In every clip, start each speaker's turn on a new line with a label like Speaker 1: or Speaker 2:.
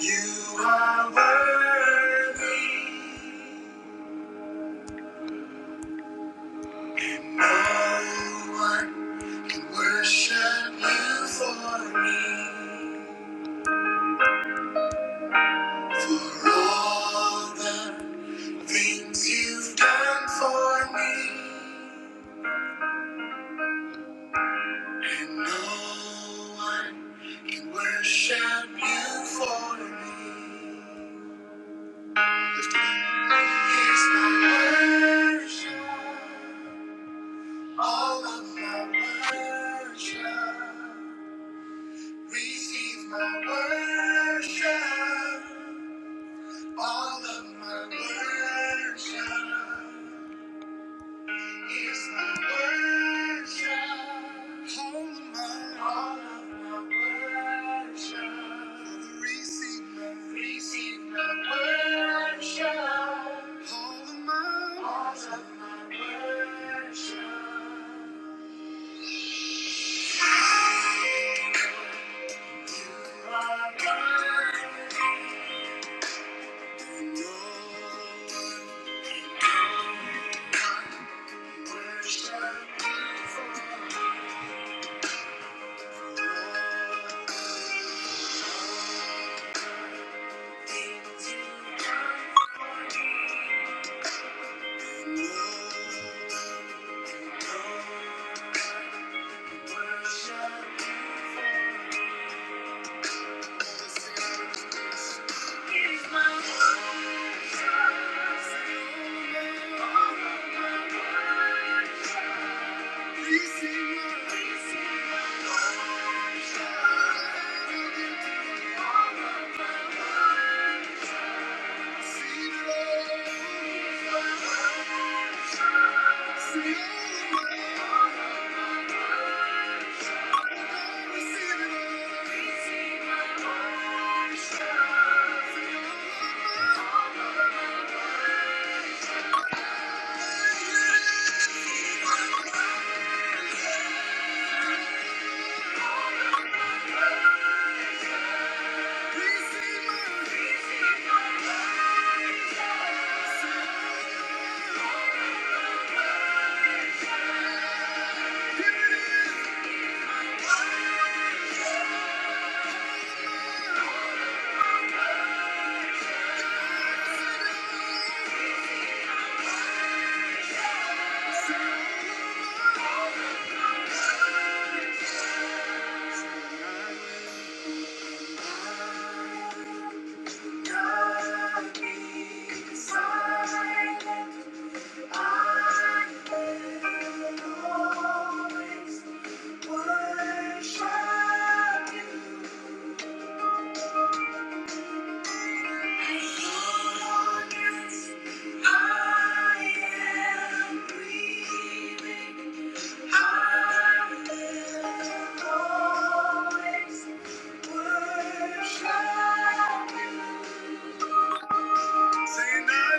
Speaker 1: You are worthy. No one can worship you for me. For all the things you've done for me. And no one can worship you for me. Lift it up. Here's my worship. All of my worship. Receive my worship, all of my worship. Here's my worship, all of my, all of my worship. Father, receive my, receive my worship, all of my, all of my worship. You are worthy. Thank you. God is Silent Say, I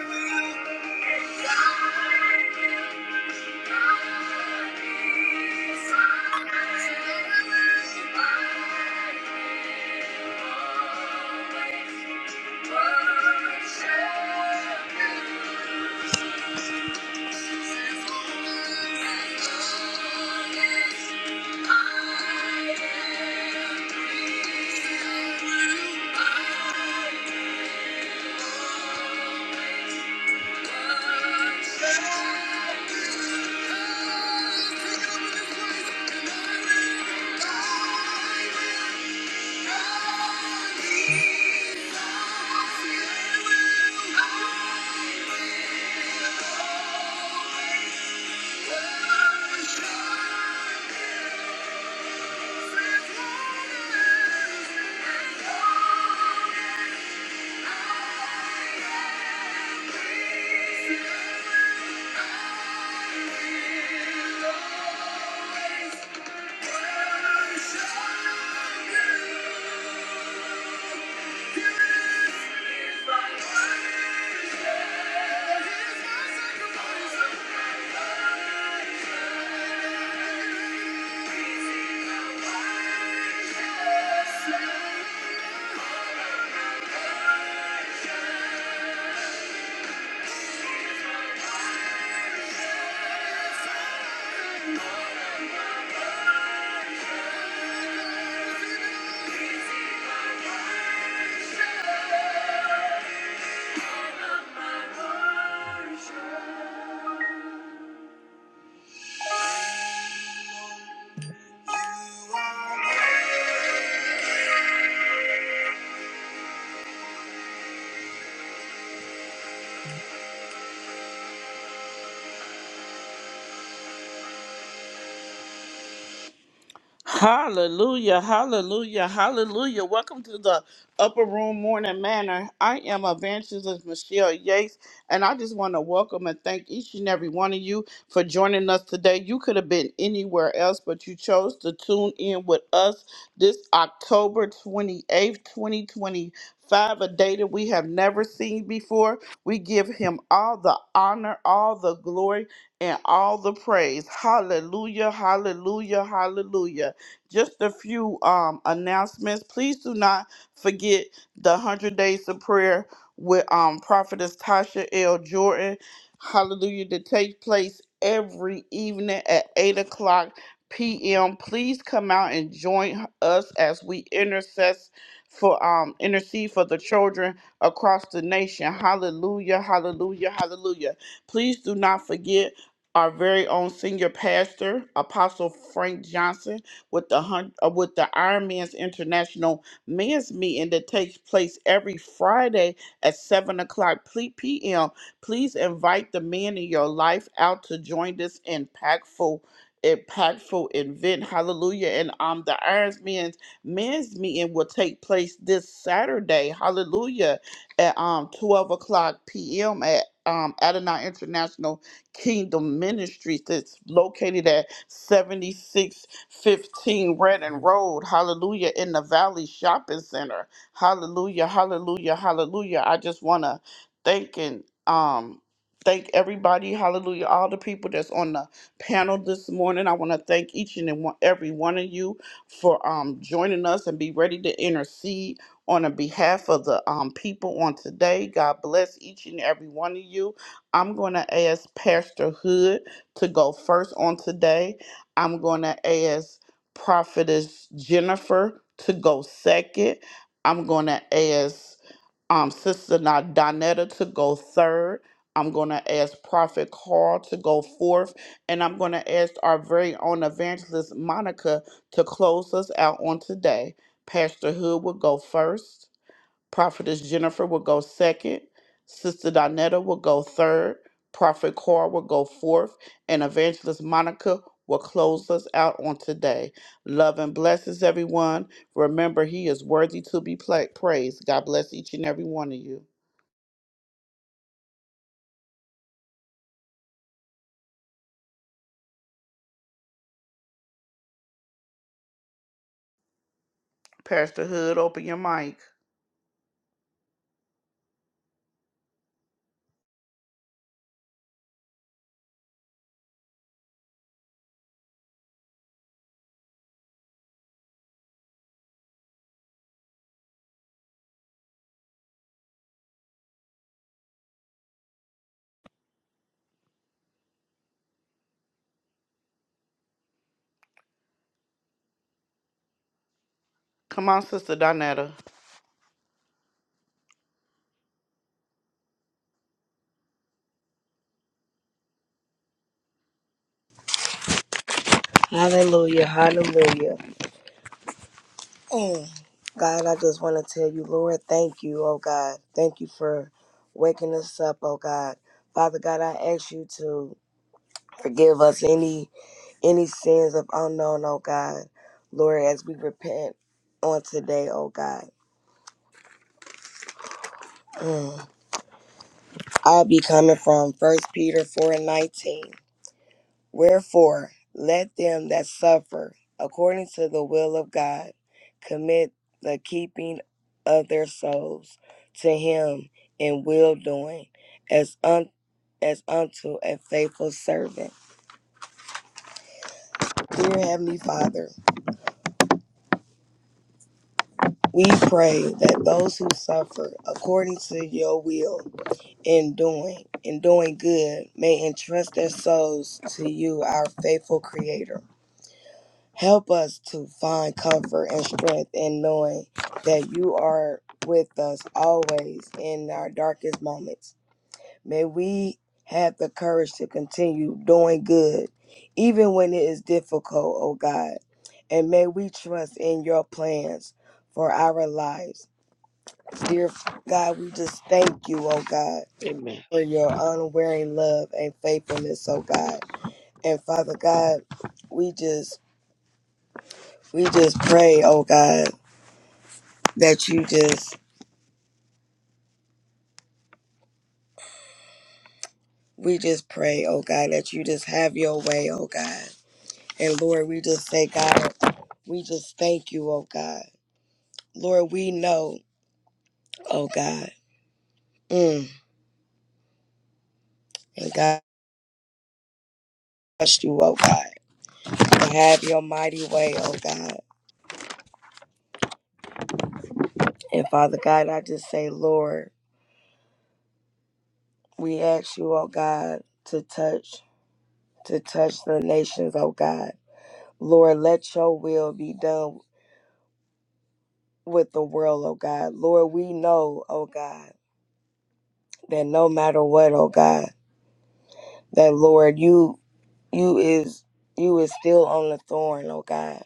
Speaker 1: will. I will, Thank you. Thank you. Hallelujah, hallelujah, hallelujah. Welcome to the Upper Room Morning Manor. I am Evangelist Michelle Yates, and I just want to welcome and thank each and every one of you for joining us today. You could have been anywhere else, but you chose to tune in with us this October 28th, 2025, a day that we have never seen before. We give him all the honor, all the glory, and all the praise. Hallelujah, hallelujah, hallelujah. Just a few um, announcements. Please do not forget the 100 Days of Prayer with um, Prophetess Tasha L. Jordan. Hallelujah. To take place every evening at 8 o'clock p.m. Please come out and join us as we intercess for um intercede for the children across the nation. Hallelujah, hallelujah, hallelujah. Please do not forget our very own senior pastor, Apostle Frank Johnson with the hun- uh, with the Iron Man's International Men's Meeting that takes place every Friday at seven o'clock ple- p.m. Please invite the men in your life out to join this impactful impactful event hallelujah and um the Iron men's men's meeting will take place this saturday hallelujah at um 12 o'clock p.m at um adonai international Kingdom Ministries that's located at 76 15 Redden Road, hallelujah, in the Valley Shopping Center. Hallelujah, hallelujah, hallelujah. I just want to thank and um thank everybody, hallelujah, all the people that's on the panel this morning. I want to thank each and one- every one of you for um joining us and be ready to intercede on the behalf of the um, people on today. God bless each and every one of you. I'm going to ask Pastor Hood to go first on today I'm going to ask Prophetess Jennifer to go second. I'm going to ask um, Sister Na- Donetta to go third. I'm going to ask Prophet Carl to go fourth. And I'm going to ask our very own evangelist, Monica, to close us out on today. Pastor Hood will go first. Prophetess Jennifer will go second. Sister Donetta will go third. Prophet Carr will go fourth. And Evangelist Monica will close us out on today. Love and blessings, everyone. Remember, He is worthy to be pla- praised. God bless each and every one of you. Pastor Hood, open your mic. Come on, Sister Donetta.
Speaker 2: Hallelujah, hallelujah. Mm. God, I just want to tell you, Lord, thank you, oh God. Thank you for waking us up, oh God. Father God, I ask you to forgive us any any sins of unknown, oh God. Lord, as we repent on today, oh God. Mm. I'll be coming from First Peter 4 and 19. Wherefore, let them that suffer according to the will of God commit the keeping of their souls to Him in will doing, as un- as unto a faithful servant. Dear Heavenly Father, we pray that those who suffer according to your will in doing in doing good may entrust their souls to you, our faithful Creator. Help us to find comfort and strength in knowing that you are with us always in our darkest moments. May we have the courage to continue doing good, even when it is difficult, O God. And may we trust in your plans for our lives. Dear God, we just thank you, O God,
Speaker 3: Amen.
Speaker 2: for your unwearying love and faithfulness, O God. And Father God, we just we just pray, oh God that you just we just pray, oh God, that you just have your way, oh God. And Lord, we just say, God, we just thank you, oh God. Lord, we know, oh God. Mm, and God trust you, oh God. And have your mighty way, oh God. And Father God, I just say, Lord, we ask you, oh God, to touch, to touch the nations, oh God. Lord, let your will be done with the world, oh God. Lord, we know, oh God. that no matter what, oh God, that Lord, you you is you is still on the thorn, oh God.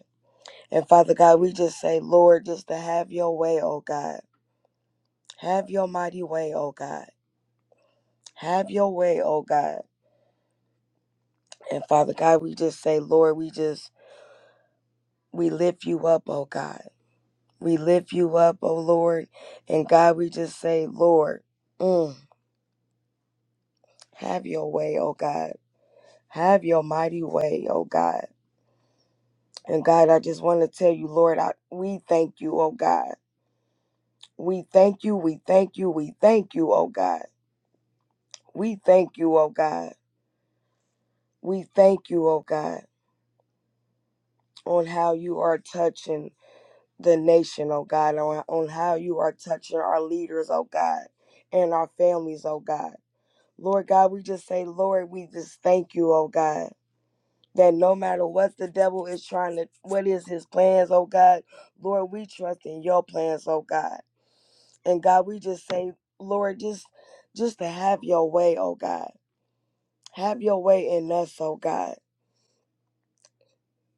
Speaker 2: And Father God, we just say, Lord, just to have your way, oh God. Have your mighty way, oh God. Have your way, oh God. And Father God, we just say, Lord, we just we lift you up, oh God. We lift you up, oh Lord. And God, we just say, Lord, mm, have your way, oh God. Have your mighty way, oh God. And God, I just want to tell you, Lord, I, we thank you, oh God. We thank you, we thank you, we thank you, oh God. We thank you, oh God. We thank you, oh God, on how you are touching the nation, oh God, on, on how you are touching our leaders, oh God, and our families, oh God. Lord God, we just say, Lord, we just thank you, oh God. That no matter what the devil is trying to, what is his plans, oh God, Lord, we trust in your plans, oh God. And God, we just say, Lord, just just to have your way, oh God. Have your way in us, oh God.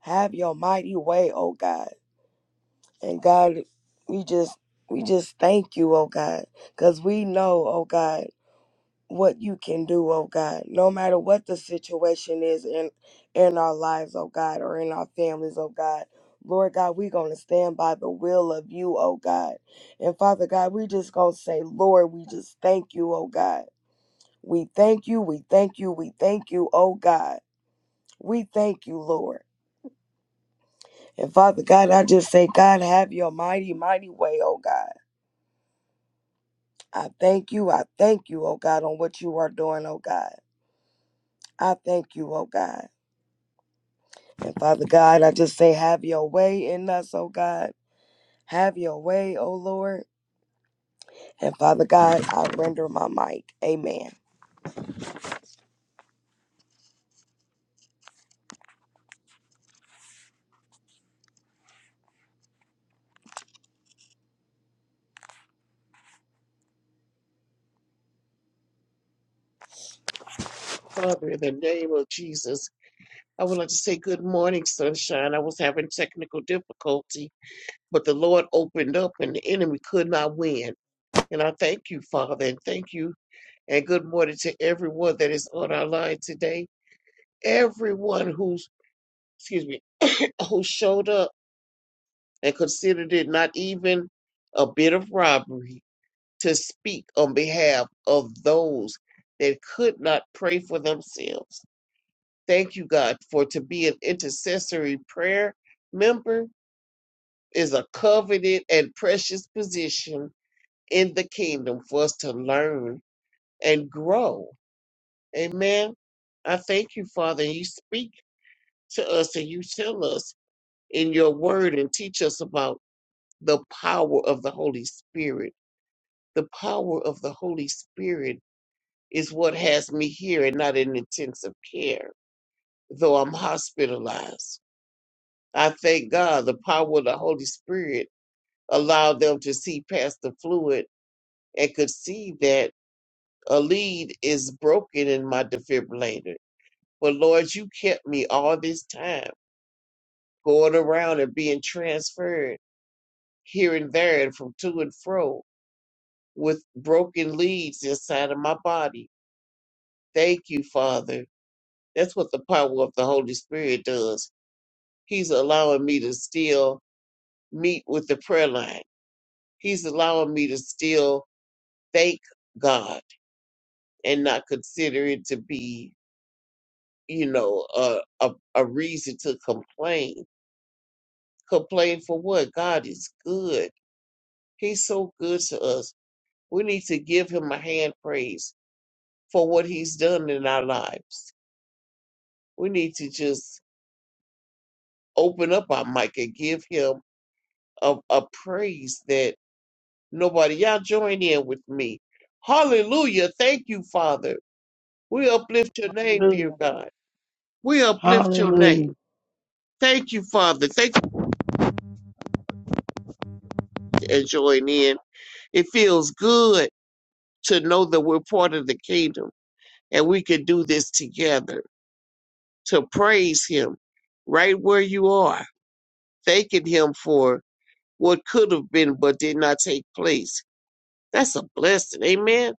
Speaker 2: Have your mighty way, oh God. And God, we just we just thank you, oh God, cuz we know, oh God, what you can do, oh God. No matter what the situation is in in our lives, oh God, or in our families, oh God. Lord God, we're going to stand by the will of you, oh God. And Father God, we just going to say, Lord, we just thank you, oh God. We thank you, we thank you, we thank you, oh God. We thank you, Lord. And Father God, I just say, God, have your mighty, mighty way, oh God. I thank you, I thank you, oh God, on what you are doing, oh God. I thank you, oh God. And Father God, I just say, have your way in us, oh God. Have your way, oh Lord. And Father God, I render my mic. Amen.
Speaker 3: Father, in the name of Jesus, I would like to say good morning, sunshine. I was having technical difficulty, but the Lord opened up and the enemy could not win. And I thank you, Father, and thank you. And good morning to everyone that is on our line today. Everyone who's, excuse me, who showed up and considered it not even a bit of robbery to speak on behalf of those that could not pray for themselves. Thank you, God, for to be an intercessory prayer member is a coveted and precious position in the kingdom for us to learn and grow. Amen. I thank you, Father. You speak to us and you tell us in your word and teach us about the power of the Holy Spirit. The power of the Holy Spirit is what has me here and not in intensive care, though I'm hospitalized. I thank God the power of the Holy Spirit allowed them to see past the fluid and could see that a lead is broken in my defibrillator. But Lord, you kept me all this time going around and being transferred here and there and from to and fro with broken leads inside of my body. Thank you, Father. That's what the power of the Holy Spirit does. He's allowing me to still meet with the prayer line. He's allowing me to still thank God and not consider it to be, you know, a, a, a reason to complain. Complain for what? God is good. He's so good to us. We need to give him a hand praise for what he's done in our lives. We need to just open up our mic and give him a, a praise that nobody, y'all join in with me. Hallelujah. Thank you, Father. We uplift your name, dear
Speaker 4: Hallelujah.
Speaker 3: God. We uplift your name.
Speaker 4: Hallelujah.
Speaker 3: Thank you, Father. Thank you for joining in. It feels good to know that we're part of the kingdom and we can do this together to praise Him right where you are, thanking Him for what could have been but did not take place. That's a blessing. Amen.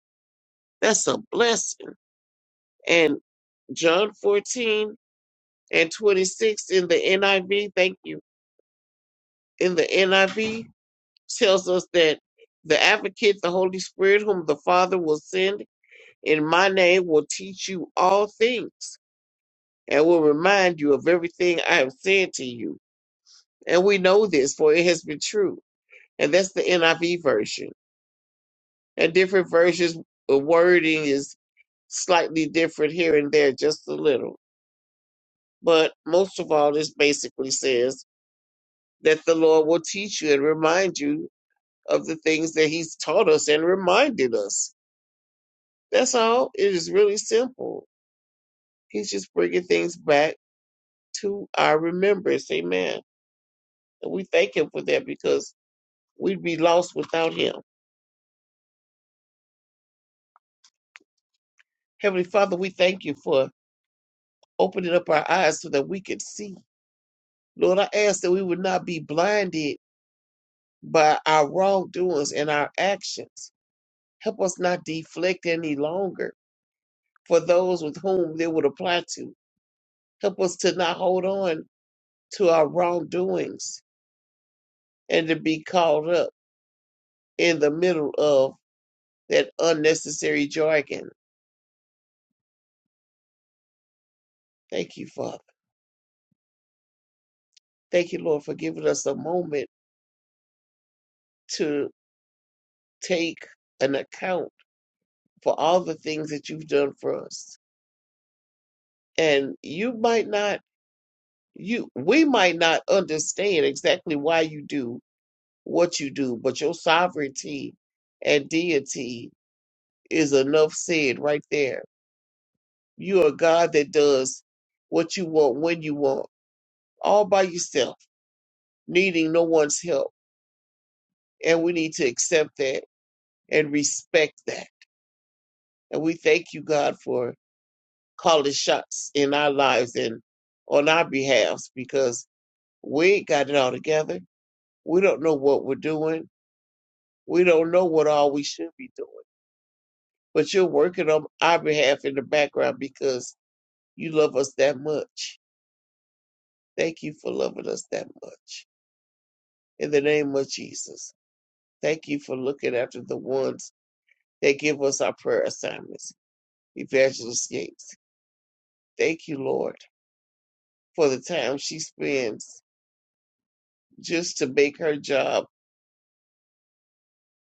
Speaker 3: That's a blessing. And John 14 and 26 in the NIV, thank you, in the NIV tells us that the advocate, the Holy Spirit, whom the Father will send, in my name will teach you all things and will remind you of everything I have said to you. And we know this, for it has been true. And that's the NIV version. And different versions, the wording is slightly different here and there, just a little. But most of all, this basically says that the Lord will teach you and remind you of the things that He's taught us and reminded us. That's all. It is really simple. He's just bringing things back to our remembrance. Amen. And we thank him for that because we'd be lost without him. Heavenly Father, we thank you for opening up our eyes so that we could see. Lord, I ask that we would not be blinded by our wrongdoings and our actions. Help us not deflect any longer for those with whom they would apply to. Help us to not hold on to our wrongdoings and to be caught up in the middle of that unnecessary jargon. Thank you, Father. Thank you, Lord, for giving us a moment to take an account for all the things that you've done for us. And you might not, you, we might not understand exactly why you do what you do, but your sovereignty and deity is enough said right there. You are God that does what you want when you want, all by yourself, needing no one's help. And we need to accept that and respect that. And we thank you, God, for call the shots in our lives and on our behalves because we ain't got it all together. We don't know what we're doing. We don't know what all we should be doing. But you're working on our behalf in the background because you love us that much. Thank you for loving us that much. In the name of Jesus, thank you for looking after the ones that give us our prayer assignments. Evangelist Yates, thank you, Lord, for the time she spends just to make her job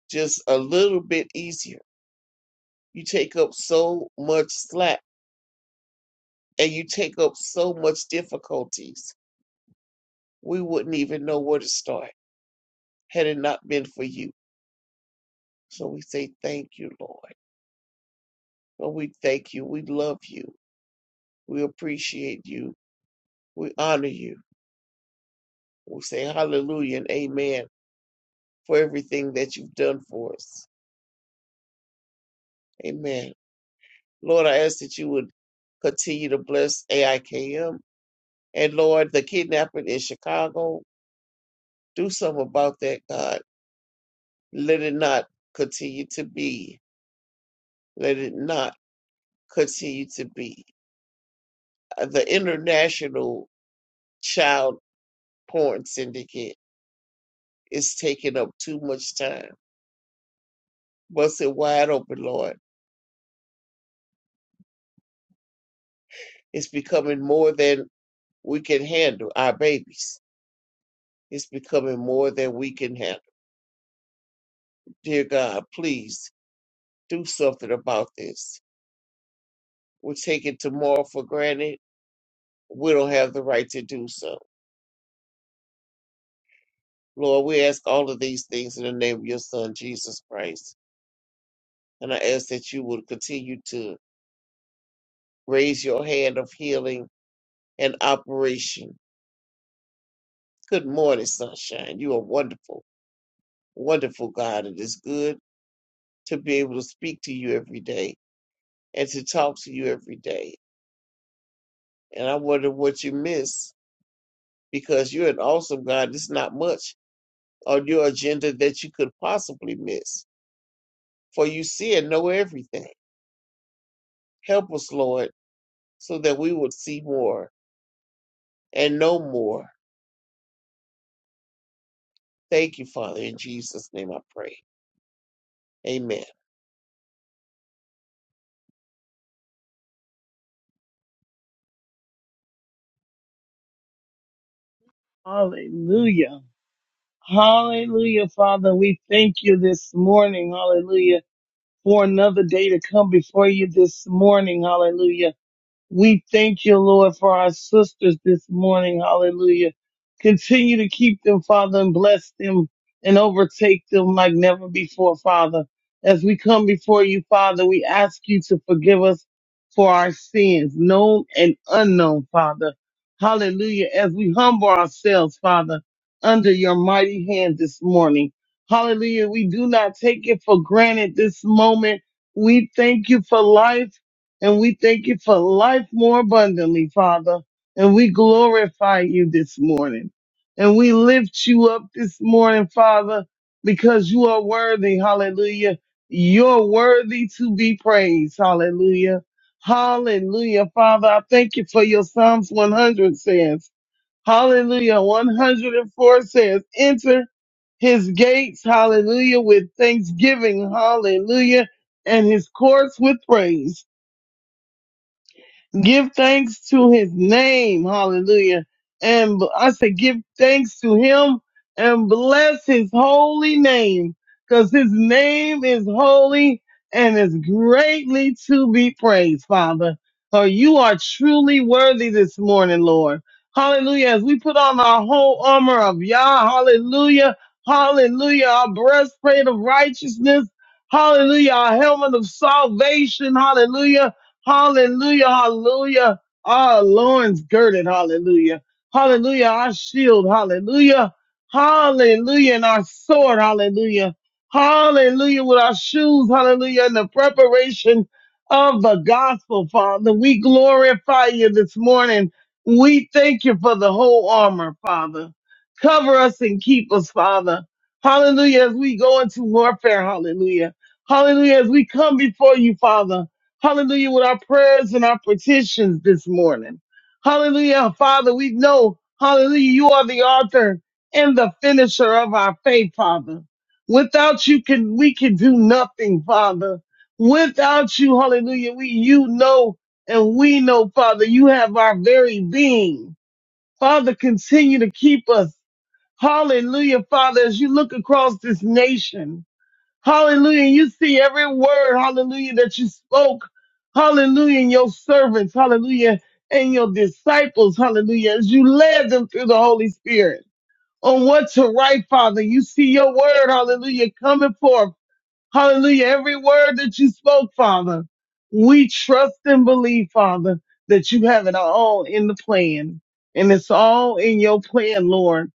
Speaker 3: just a little bit easier. You take up so much slack and you take up so much difficulties. We wouldn't even know where to start had it not been for you. So we say thank you, Lord. Lord, we thank you. We love you. We appreciate you. We honor you. We say hallelujah and amen for everything that you've done for us. Amen. Lord, I ask that you would continue to bless AIKM and Lord, the kidnapping in Chicago. Do something about that, God. Let it not continue to be. Let it not continue to be. Uh, The international child porn syndicate is taking up too much time. Bust it wide open, Lord. It's becoming more than we can handle, our babies. It's becoming more than we can handle. Dear God, please do something about this. We're taking tomorrow for granted. We don't have the right to do so Lord, we ask all of these things in the name of your Son, Jesus Christ. And I ask that you would continue to raise your hand of healing and operation. Good morning, sunshine. You are wonderful, wonderful God. It is good to be able to speak to you every day and to talk to you every day. And I wonder what you miss because you're an awesome God. There's not much on your agenda that you could possibly miss, for you see and know everything. Help us, Lord, so that we would see more and no more. Thank you, Father. In Jesus' name I pray. Amen.
Speaker 4: Hallelujah. Hallelujah, Father. We thank you this morning. Hallelujah. For another day to come before you this morning. Hallelujah. We thank you, Lord, for our sisters this morning. Hallelujah. Continue to keep them, Father, and bless them and overtake them like never before, Father. As we come before you, Father, we ask you to forgive us for our sins, known and unknown, Father. Hallelujah. As we humble ourselves, Father, under your mighty hand this morning. Hallelujah. We do not take it for granted this moment. We thank you for life. And we thank you for life more abundantly, Father. And we glorify you this morning. And we lift you up this morning, Father, because you are worthy. Hallelujah. You're worthy to be praised. Hallelujah. Hallelujah. Father, I thank you for your Psalms 100 says. Hallelujah. 104 says, enter his gates. Hallelujah. With thanksgiving. Hallelujah. And his courts with praise. Give thanks to his name. Hallelujah. And b- I said, give thanks to him and bless his holy name because his name is holy and is greatly to be praised, Father. So you are truly worthy this morning, Lord. Hallelujah. As we put on our whole armor of Yah, hallelujah. Hallelujah. Our breastplate of righteousness. Hallelujah. Our helmet of salvation. Hallelujah Hallelujah. Hallelujah. Our loins girded. Hallelujah. Hallelujah. Our shield. Hallelujah. Hallelujah. And our sword. Hallelujah. Hallelujah. With our shoes. Hallelujah. And the preparation of the gospel, Father. We glorify you this morning. We thank you for the whole armor, Father. Cover us and keep us, Father. Hallelujah. As we go into warfare. Hallelujah. Hallelujah. As we come before you, Father. Hallelujah, with our prayers and our petitions this morning. Hallelujah, Father, we know, hallelujah, you are the author and the finisher of our faith, Father. Without you can, we can do nothing, Father. Without you, hallelujah, we, you know, and we know, Father, you have our very being. Father, continue to keep us. Hallelujah, Father, as you look across this nation. Hallelujah. You see every word, hallelujah, that you spoke. Hallelujah. And your servants, hallelujah, and your disciples, hallelujah, as you led them through the Holy Spirit on what to write, Father. You see your word, hallelujah, coming forth. Hallelujah. Every word that you spoke, Father, we trust and believe, Father, that you have it all in the plan. And it's all in your plan, Lord.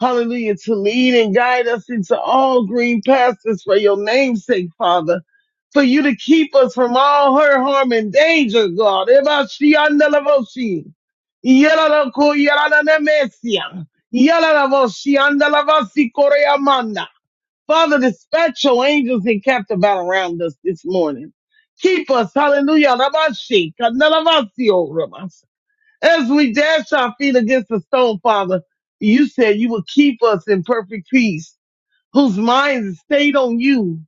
Speaker 4: Hallelujah. To lead and guide us into all green pastures for your name's sake, Father. For you to keep us from all hurt, harm, and danger, God. Ebashiandalavoshi. Yalalako yalalanemesia. Yalalaboshi andalavasi koreamanda. Father, dispatch your angels and captive battle around us this morning. Keep us, hallelujah, Rabashi, Kanalavasio, Rabas. As we dash our feet against the stone, Father, you said you would keep us in perfect peace, whose minds is stayed on you.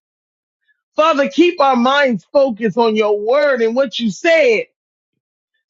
Speaker 4: Father, keep our minds focused on your word and what you said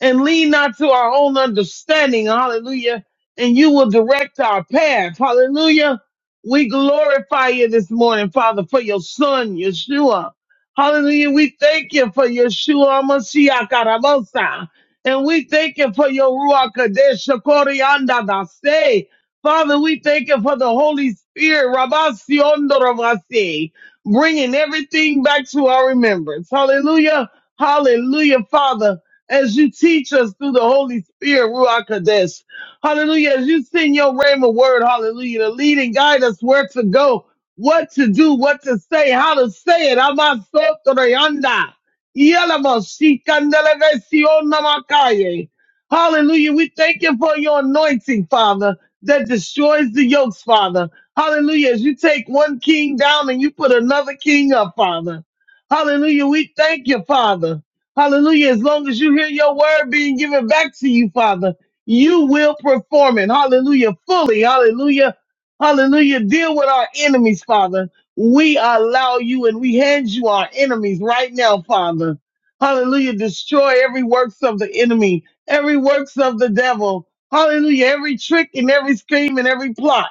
Speaker 4: and lean not to our own understanding. Hallelujah. And you will direct our path. Hallelujah. We glorify you this morning, Father, for your son, Yeshua. Hallelujah. We thank you for Yeshua Mashiach Arabosa. And we thank you for your Ruach Kadesh Korianda Dase. Father, we thank you for the Holy Spirit, Rabasi Ondoravasi, bringing everything back to our remembrance. Hallelujah. Hallelujah, Father as you teach us through the Holy Spirit, Ruach Kadesh. Hallelujah. As you send your rhema word, hallelujah, to lead and guide us where to go, what to do, what to say, how to say it. Amasotoreyanda. Yalamashikandelevesionnamakaye. Hallelujah. We thank you for your anointing, Father, that destroys the yokes, Father. Hallelujah. As you take one king down and you put another king up, Father. Hallelujah. We thank you, Father. Hallelujah. As long as you hear your word being given back to you, Father, you will perform it. Hallelujah. Fully. Hallelujah. Hallelujah. Deal with our enemies, Father. We allow you and we hand you our enemies right now, Father. Hallelujah. Destroy every works of the enemy, every works of the devil. Hallelujah. Every trick and every scheme and every plot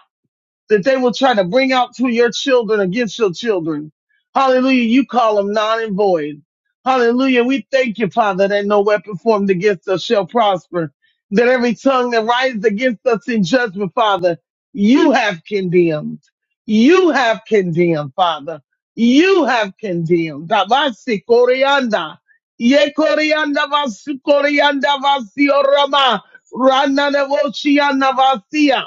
Speaker 4: that they will try to bring out to your children against your children. Hallelujah. You call them non and void. Hallelujah. We thank you, Father, that no weapon formed against us shall prosper. That every tongue that rises against us in judgment, Father, you have condemned. You have condemned, Father. You have condemned. Tabasi Koryanda. Ye Koryanda vasu Koryanda vasi orama. Rana nevochiana vasia.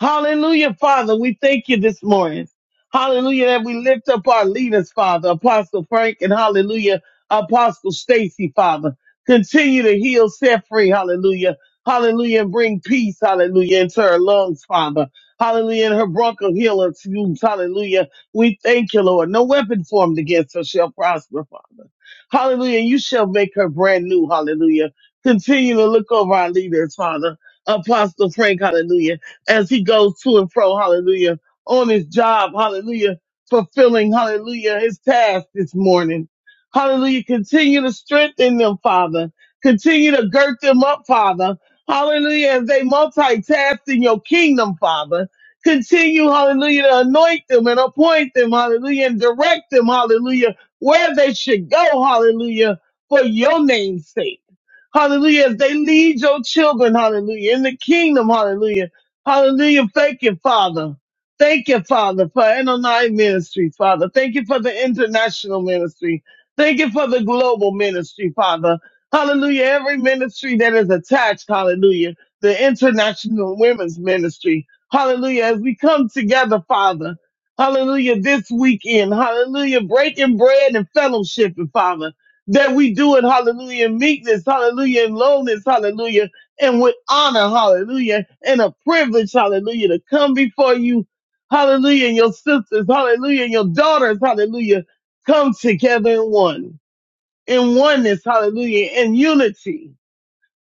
Speaker 4: Hallelujah, Father. We thank you this morning. Hallelujah, that we lift up our leaders, Father, Apostle Frank and hallelujah, Apostle Stacy, Father. Continue to heal, set free, hallelujah. Hallelujah, and bring peace, hallelujah, into her lungs, Father. Hallelujah, and her bronchial healer fumes, hallelujah. We thank you, Lord. No weapon formed against her shall prosper, Father. Hallelujah, you shall make her brand new, hallelujah. Continue to look over our leaders, Father. Apostle Frank, hallelujah as he goes to and fro, hallelujah, on his job, hallelujah, fulfilling, hallelujah, his task this morning. Hallelujah. Continue to strengthen them, Father. Continue to gird them up, Father. Hallelujah. As they multitask in your kingdom, Father. Continue, hallelujah, to anoint them and appoint them, hallelujah, and direct them, hallelujah, where they should go, hallelujah, for your name's sake. Hallelujah. As they lead your children, hallelujah, in the kingdom, hallelujah. Hallelujah. Thank you, Father. Thank you, Father, for Anonai Ministries, Father. Thank you for the international ministry. Thank you for the global ministry, Father. Hallelujah. Every ministry that is attached, hallelujah. The international women's ministry. Hallelujah. As we come together, Father. Hallelujah. This weekend. Hallelujah. Breaking bread and fellowship, Father. That we do it. Hallelujah. In meekness. Hallelujah. In lowness. Hallelujah and with honor, hallelujah, and a privilege, hallelujah, to come before you, hallelujah, and your sisters, hallelujah, and your daughters, hallelujah, come together in one, in oneness, hallelujah, in unity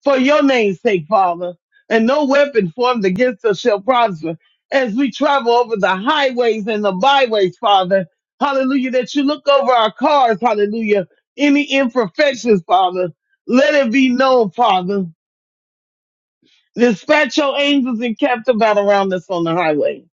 Speaker 4: for your name's sake, Father. And no weapon formed against us shall prosper as we travel over the highways and the byways, Father. Hallelujah, that you look over our cars, hallelujah, any imperfections, Father. Let it be known, Father. Dispatch your angels and camp about around us on the highway.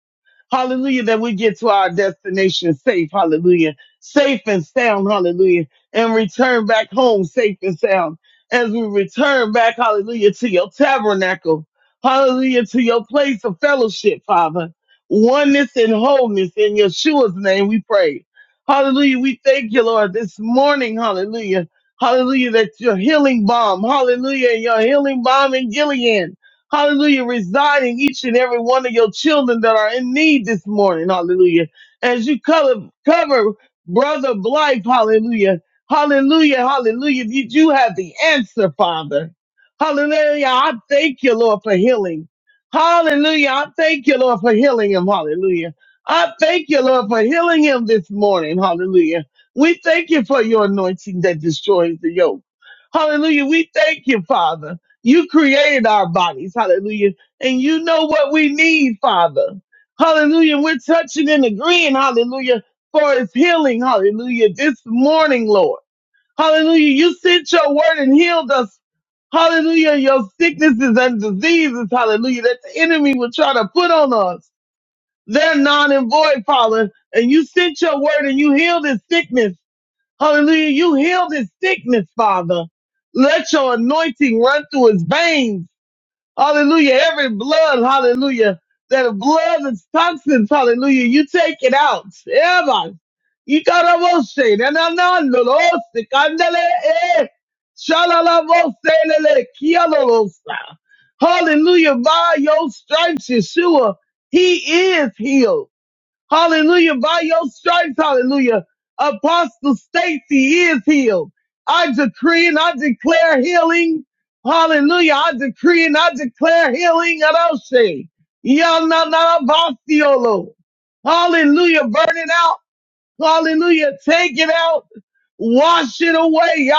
Speaker 4: Hallelujah, that we get to our destination safe. Hallelujah. Safe and sound. Hallelujah. And return back home safe and sound. As we return back, hallelujah, to your tabernacle. Hallelujah, to your place of fellowship, Father. Oneness and wholeness in Yeshua's name we pray. Hallelujah. We thank you, Lord, this morning. Hallelujah. Hallelujah, that your healing balm. Hallelujah. Your healing balm in Gilead. Hallelujah. Residing each and every one of your children that are in need this morning. Hallelujah. As you cover, cover brother Blythe. Hallelujah. Hallelujah. Hallelujah. You, you have the answer, Father. Hallelujah. I thank you, Lord, for healing. Hallelujah. I thank you, Lord, for healing him. Hallelujah. I thank you, Lord, for healing him this morning. Hallelujah. We thank you for your anointing that destroys the yoke. Hallelujah. We thank you, Father. You created our bodies, hallelujah. And you know what we need, Father. Hallelujah. We're touching and agreeing, hallelujah, for his healing, hallelujah, this morning, Lord. Hallelujah. You sent your word and healed us. Hallelujah. Your sicknesses and diseases, hallelujah, that the enemy would try to put on us. They're non and void, Father. And you sent your word and you healed his sickness. Hallelujah. You healed his sickness, Father. Let your anointing run through his veins. Hallelujah. Every blood, hallelujah. That blood that's toxins, hallelujah. You take it out. Ever. Ikarabose, nananando, lose, kandele, eh. Shalalabose, lele, kialolosa. Hallelujah. By your stripes, Yeshua, he is healed. Hallelujah. By your stripes, hallelujah. Apostle Stacy is healed. I decree and I declare healing. Hallelujah. I decree and I declare healing. Aroshe. Yananarabasiolo. Hallelujah. Burning out. Hallelujah. Take it out. Wash it away.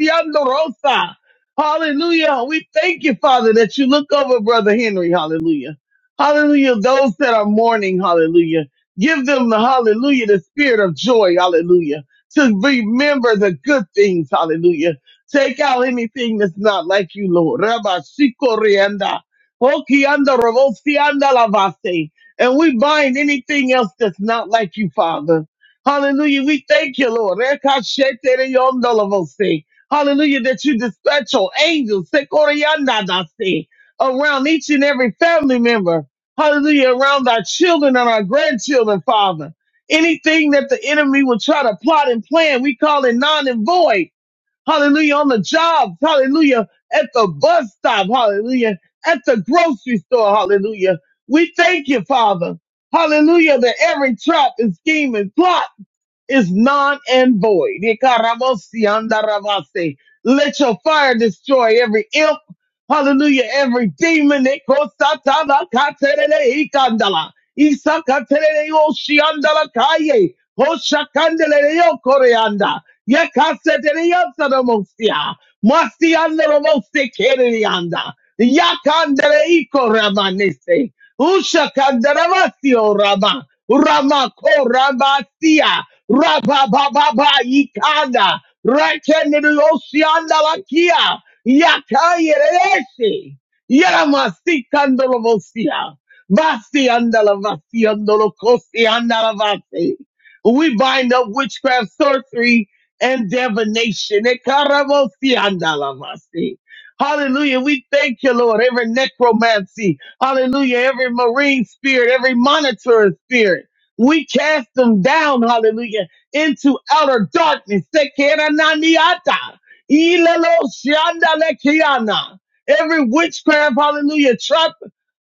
Speaker 4: Yakayarosiandorosa. Hallelujah. We thank you, Father, that you look over Brother Henry. Hallelujah. Hallelujah. Those that are mourning. Hallelujah. Give them the hallelujah, the spirit of joy. Hallelujah. To remember the good things. Hallelujah. Take out anything that's not like you, Lord. Rabba Shikorianda. Okianda Ravosianda Lavase. And we bind anything else that's not like you, Father. Hallelujah. We thank you, Lord. Rekashetereyondolovose. Hallelujah. That you dispatch your angels Sekoreyandadase, around each and every family member. Hallelujah. Around our children and our grandchildren, Father. Anything that the enemy will try to plot and plan, we call it non and void Hallelujah. On the job. Hallelujah. At the bus stop. Hallelujah. At the grocery store. Hallelujah. We thank you, Father. Hallelujah. That every trap and scheme and plot is non and void. Ikarabosi andarabase. Let your fire destroy every imp. Hallelujah. Every demon. Ikosataba katerele ikandala. Isakaterele yoshiandala kaye. Hoshakandele yokoreanda. Yakasetele yosadamosia. Masiandarabosi kereanda. Yakandele ikoramanese. Ushakandaramasio Rama. Rama ko Ramasia. Raba Baba ba Ikanda. Rakenosianda Lakia. Yaka Yeresi. Yaramasi Kandalosia. Vasi andala vasi andalavasi, kosi andala We bind up witchcraft, sorcery, and divination. Ekarabosi andala vasi. Hallelujah. We thank you, Lord. Every necromancy. Hallelujah. Every marine spirit, every monitor spirit, we cast them down, hallelujah, into outer darkness. Sekerananiata. Ilelo shiandalekiana. Every witchcraft, hallelujah, trap,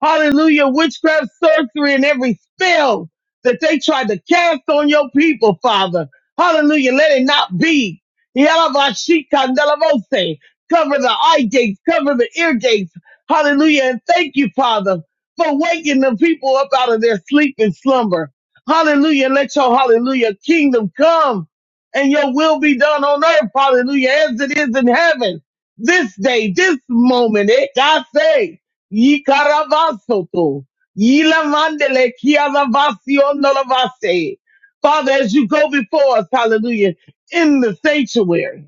Speaker 4: hallelujah, witchcraft, sorcery, and every spell that they tried to cast on your people, Father. Hallelujah. Let it not be. Yalavashikandalabose. Cover the eye gates, cover the ear gates Hallelujah. And thank you, Father, for waking the people up out of their sleep and slumber. Hallelujah. And Let your hallelujah kingdom come and your will be done on earth. Hallelujah. As it is in heaven. This day, this moment, it I say, "Yi caravasoto, ye la mandele, kia la vasio no la vase. Father, as you go before us, hallelujah, in the sanctuary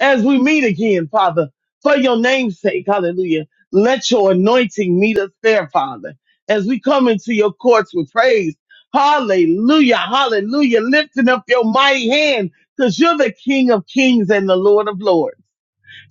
Speaker 4: as we meet again, Father, for your name's sake. Hallelujah. Let your anointing meet us there, Father, as we come into your courts with praise. Hallelujah. Hallelujah. Lifting up your mighty hand because you're the King of kings and the Lord of lords.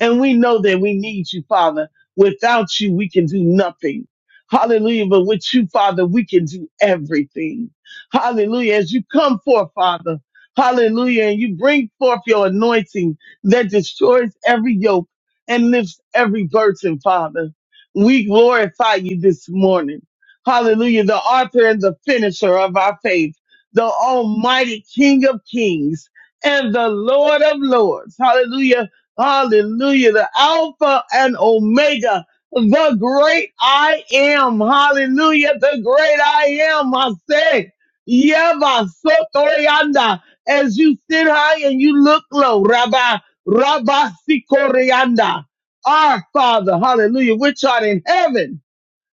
Speaker 4: And we know that we need you, Father. Without you, we can do nothing. Hallelujah. But with you, Father, we can do everything. Hallelujah. As you come forth, Father, hallelujah, and you bring forth your anointing that destroys every yoke and lifts every burden, Father. We glorify you this morning. Hallelujah. The author and the finisher of our faith, the almighty King of kings and the Lord of lords. Hallelujah Hallelujah. The Alpha and Omega. The great I am. Hallelujah. The great I am. I say, Yeva Sotorianda. As you sit high and you look low, Rabbi, Rabbi Sikorianda. Our Father, hallelujah, which art in heaven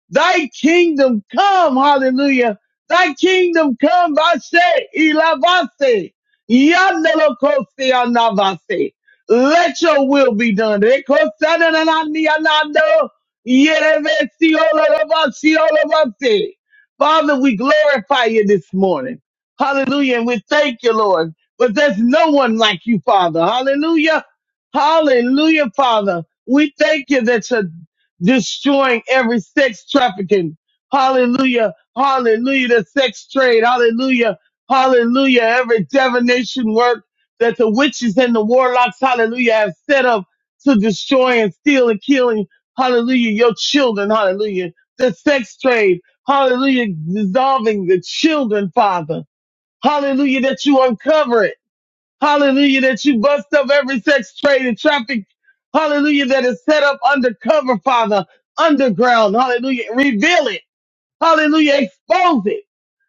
Speaker 4: Thy kingdom come, hallelujah. Thy kingdom come, vase, ilavase, yandelokose anavase. Let your will be done. Rekosanananianando, yerevesi olorobasi olorobase. Father, we glorify you this morning. Hallelujah. And we thank you, Lord. But there's no one like you, Father. Hallelujah. Hallelujah, Father. We thank you that you're destroying every sex trafficking. Hallelujah. Hallelujah. The sex trade. Hallelujah. Hallelujah. Every divination work that the witches and the warlocks, hallelujah, have set up to destroy and steal and killing. Hallelujah. Your children. Hallelujah. The sex trade. Hallelujah. Dissolving the children, Father. Hallelujah. That you uncover it. Hallelujah, that you bust up every sex trade and traffic. Hallelujah, that is set up undercover, Father, underground. Hallelujah, reveal it. Hallelujah, expose it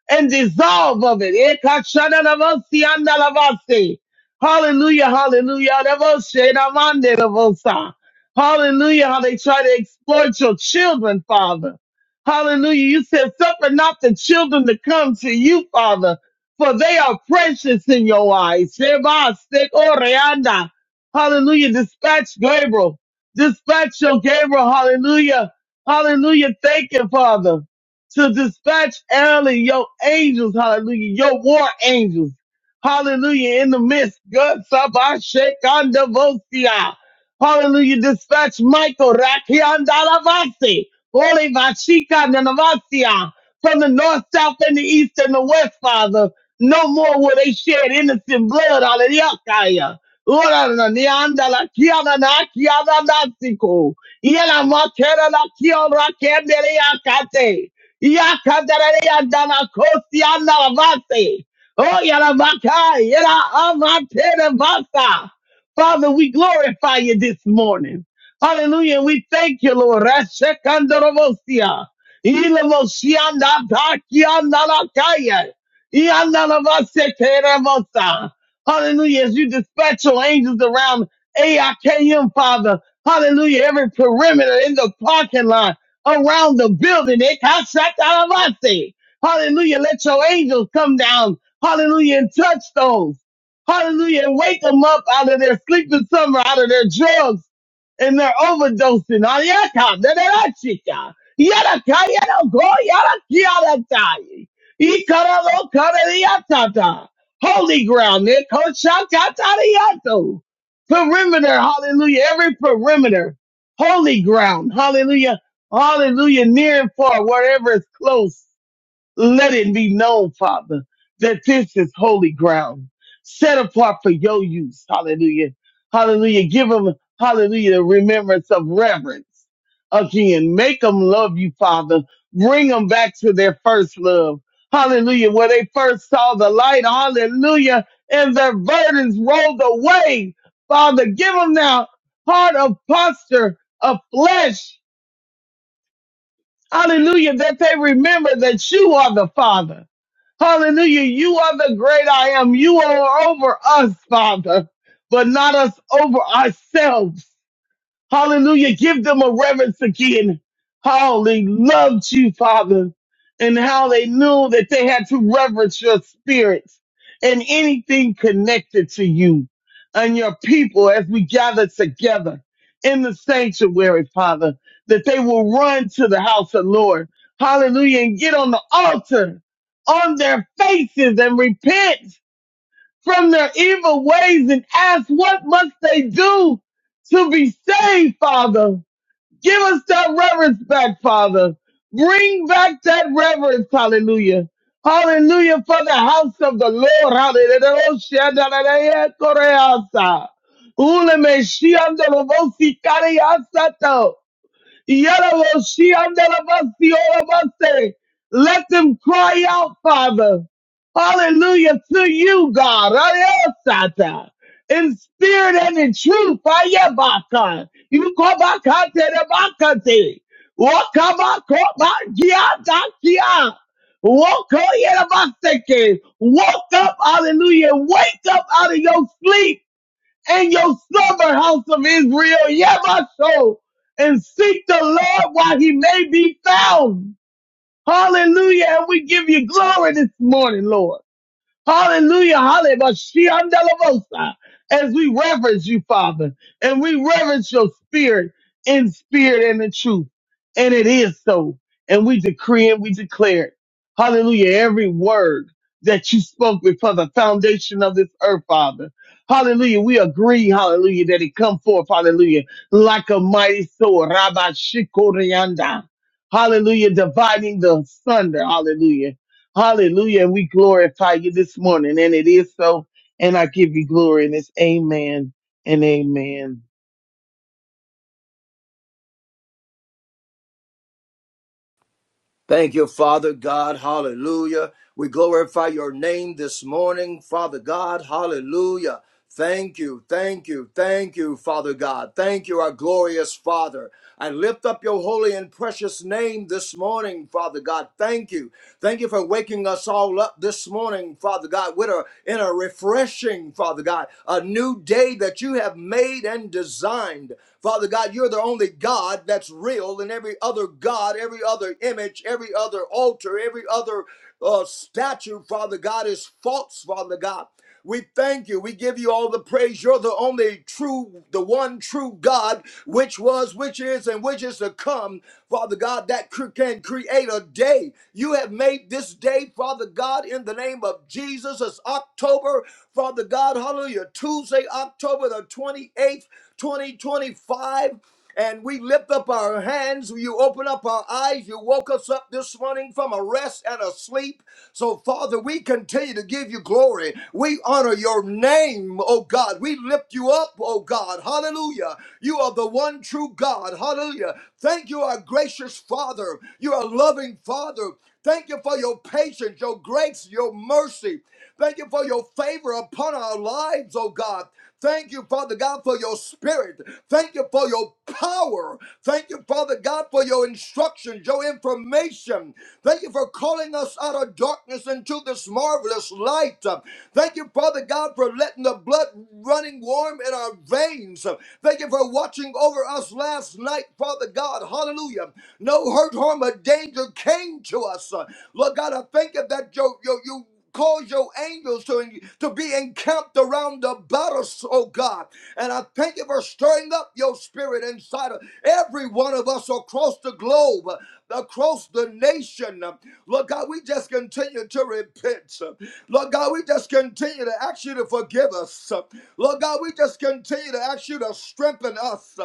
Speaker 4: and dissolve of it. ekashadadavosi Hallelujah, hallelujah. Hallelujah, how they try to exploit your children, Father. Hallelujah. You said, suffer not the children to come to you, Father, for they are precious in your eyes. Hallelujah. Dispatch Gabriel. Dispatch your Gabriel. Hallelujah. Hallelujah. Thank you, Father to dispatch early your angels, hallelujah, your war angels, hallelujah, in the midst, God, Sabashekandavosia, hallelujah, dispatch Michael, Rakiandalavasi, Holy Vachika Nanavasia, from the north, south, and the east, and the west, Father, no more will they shed innocent blood, hallelujah, Ora na nianda la kiana na kiana na siko. Iela makera la kiora kendere akate. Yakadarayandana kosiana lavase. Oh, yalavaka, yera avate lavasa. Father, we glorify you this morning. Hallelujah. And we thank you, Lord. Rashekandorovosia. Ilavosianda dakiandalakaya. Iandalavasekerevosa. Hallelujah. As you dispatch your angels around AIKM, Father. Hallelujah. Every perimeter in the parking lot around the building. They contract out of our thing. Hallelujah. Let your angels come down. Hallelujah. And touch those. Hallelujah. And wake them up out of their sleeping summer, out of their drugs and they're overdosing on yaka, yada chica, yada yada go, yada yada die. Ikara lo kara yatata. Holy ground, Nico Shakatariato. Perimeter, hallelujah. Every perimeter, holy ground, hallelujah. Hallelujah, near and far, wherever is close. Let it be known, Father, that this is holy ground, set apart for your use. Hallelujah. Hallelujah. Give them, hallelujah, the remembrance of reverence. Again, make them love you, Father. Bring them back to their first love. Hallelujah. Where they first saw the light. Hallelujah. And their burdens rolled away. Father, give them now heart of posture of flesh. Hallelujah. That they remember that you are the Father. Hallelujah. You are the great I am. You are over us, Father, but not us over ourselves. Hallelujah. Give them a reverence again. How they loved you, Father, and how they knew that they had to reverence your spirit and anything connected to you and your people as we gather together in the sanctuary, Father, that they will run to the house of Lord. Hallelujah. And get on the altar on their faces and repent from their evil ways and ask, what must they do to be saved, Father? Give us that reverence back, Father. Bring back that reverence, hallelujah. Hallelujah for the house of the Lord. Hallelujah. Ule me shiando lo vosi kariasato. Yalaboshi andalabasi olabase. Let them cry out, Father. Hallelujah to you, God. Ayasata. In spirit and in truth. Ayabaka. You back back, out to the kobakate rebakate. Wakabakobagiatakia. Wokoyerabaseke. Woke up, hallelujah. Wake up out of your sleep and your stubborn house of Israel, Yabasho, and seek the Lord while he may be found. Hallelujah. And we give you glory this morning, Lord. Hallelujah, hallelujah. As we reverence you, Father, and we reverence your spirit in spirit and in truth. And it is so. And we decree and we declare it. Hallelujah. Every word that you spoke before the foundation of this earth, Father. Hallelujah. We agree, hallelujah, that it come forth, hallelujah, like a mighty sword. Rabbi Shikorianda. Hallelujah. Dividing the thunder. Hallelujah Hallelujah. And we glorify you this morning. And it is so. And I give you glory. And it's amen and amen.
Speaker 5: Thank you, Father God. Hallelujah. We glorify your name this morning, Father God. Hallelujah. Thank you, thank you, thank you, Father God. Thank you, our glorious Father. I lift up your holy and precious name this morning, Father God. Thank you. Thank you for waking us all up this morning, Father God, with a, in a refreshing, Father God, a new day that you have made and designed. Father God, you're the only God that's real, and every other God. God, every other image, every other altar, every other uh, statue, Father God, is false, Father God. We thank you. We give you all the praise. You're the only true, the one true God, which was, which is, and which is to come, Father God, that can create a day. You have made this day, Father God, in the name of Jesus. It's October, Father God, hallelujah, Tuesday, October the 28th, 2025 and we lift up our hands. You open up our eyes. You woke us up this morning from a rest and a sleep. So, Father, we continue to give you glory. We honor your name, oh God. We lift you up, oh God. Hallelujah. You are the one true God. Hallelujah. Thank you, our gracious Father. You are a loving Father. Thank you for your patience, your grace, your mercy. Thank you for your favor upon our lives, oh God. Thank you, Father God, for your spirit. Thank you for your power. Thank you, Father God, for your instructions, your information. Thank you for calling us out of darkness into this marvelous light. Thank you, Father God, for letting the blood running warm in our veins. Thank you for watching over us last night, Father God. Hallelujah. No hurt, harm, or danger came to us. Lord God, I thank you that you, you, you cause your angels to, to be encamped around the battles, oh God. And I thank you for stirring up your spirit inside of every one of us across the globe, across the nation. Lord God, we just continue to repent. Lord God, we just continue to ask you to forgive us. Lord God, we just continue to ask you to strengthen us.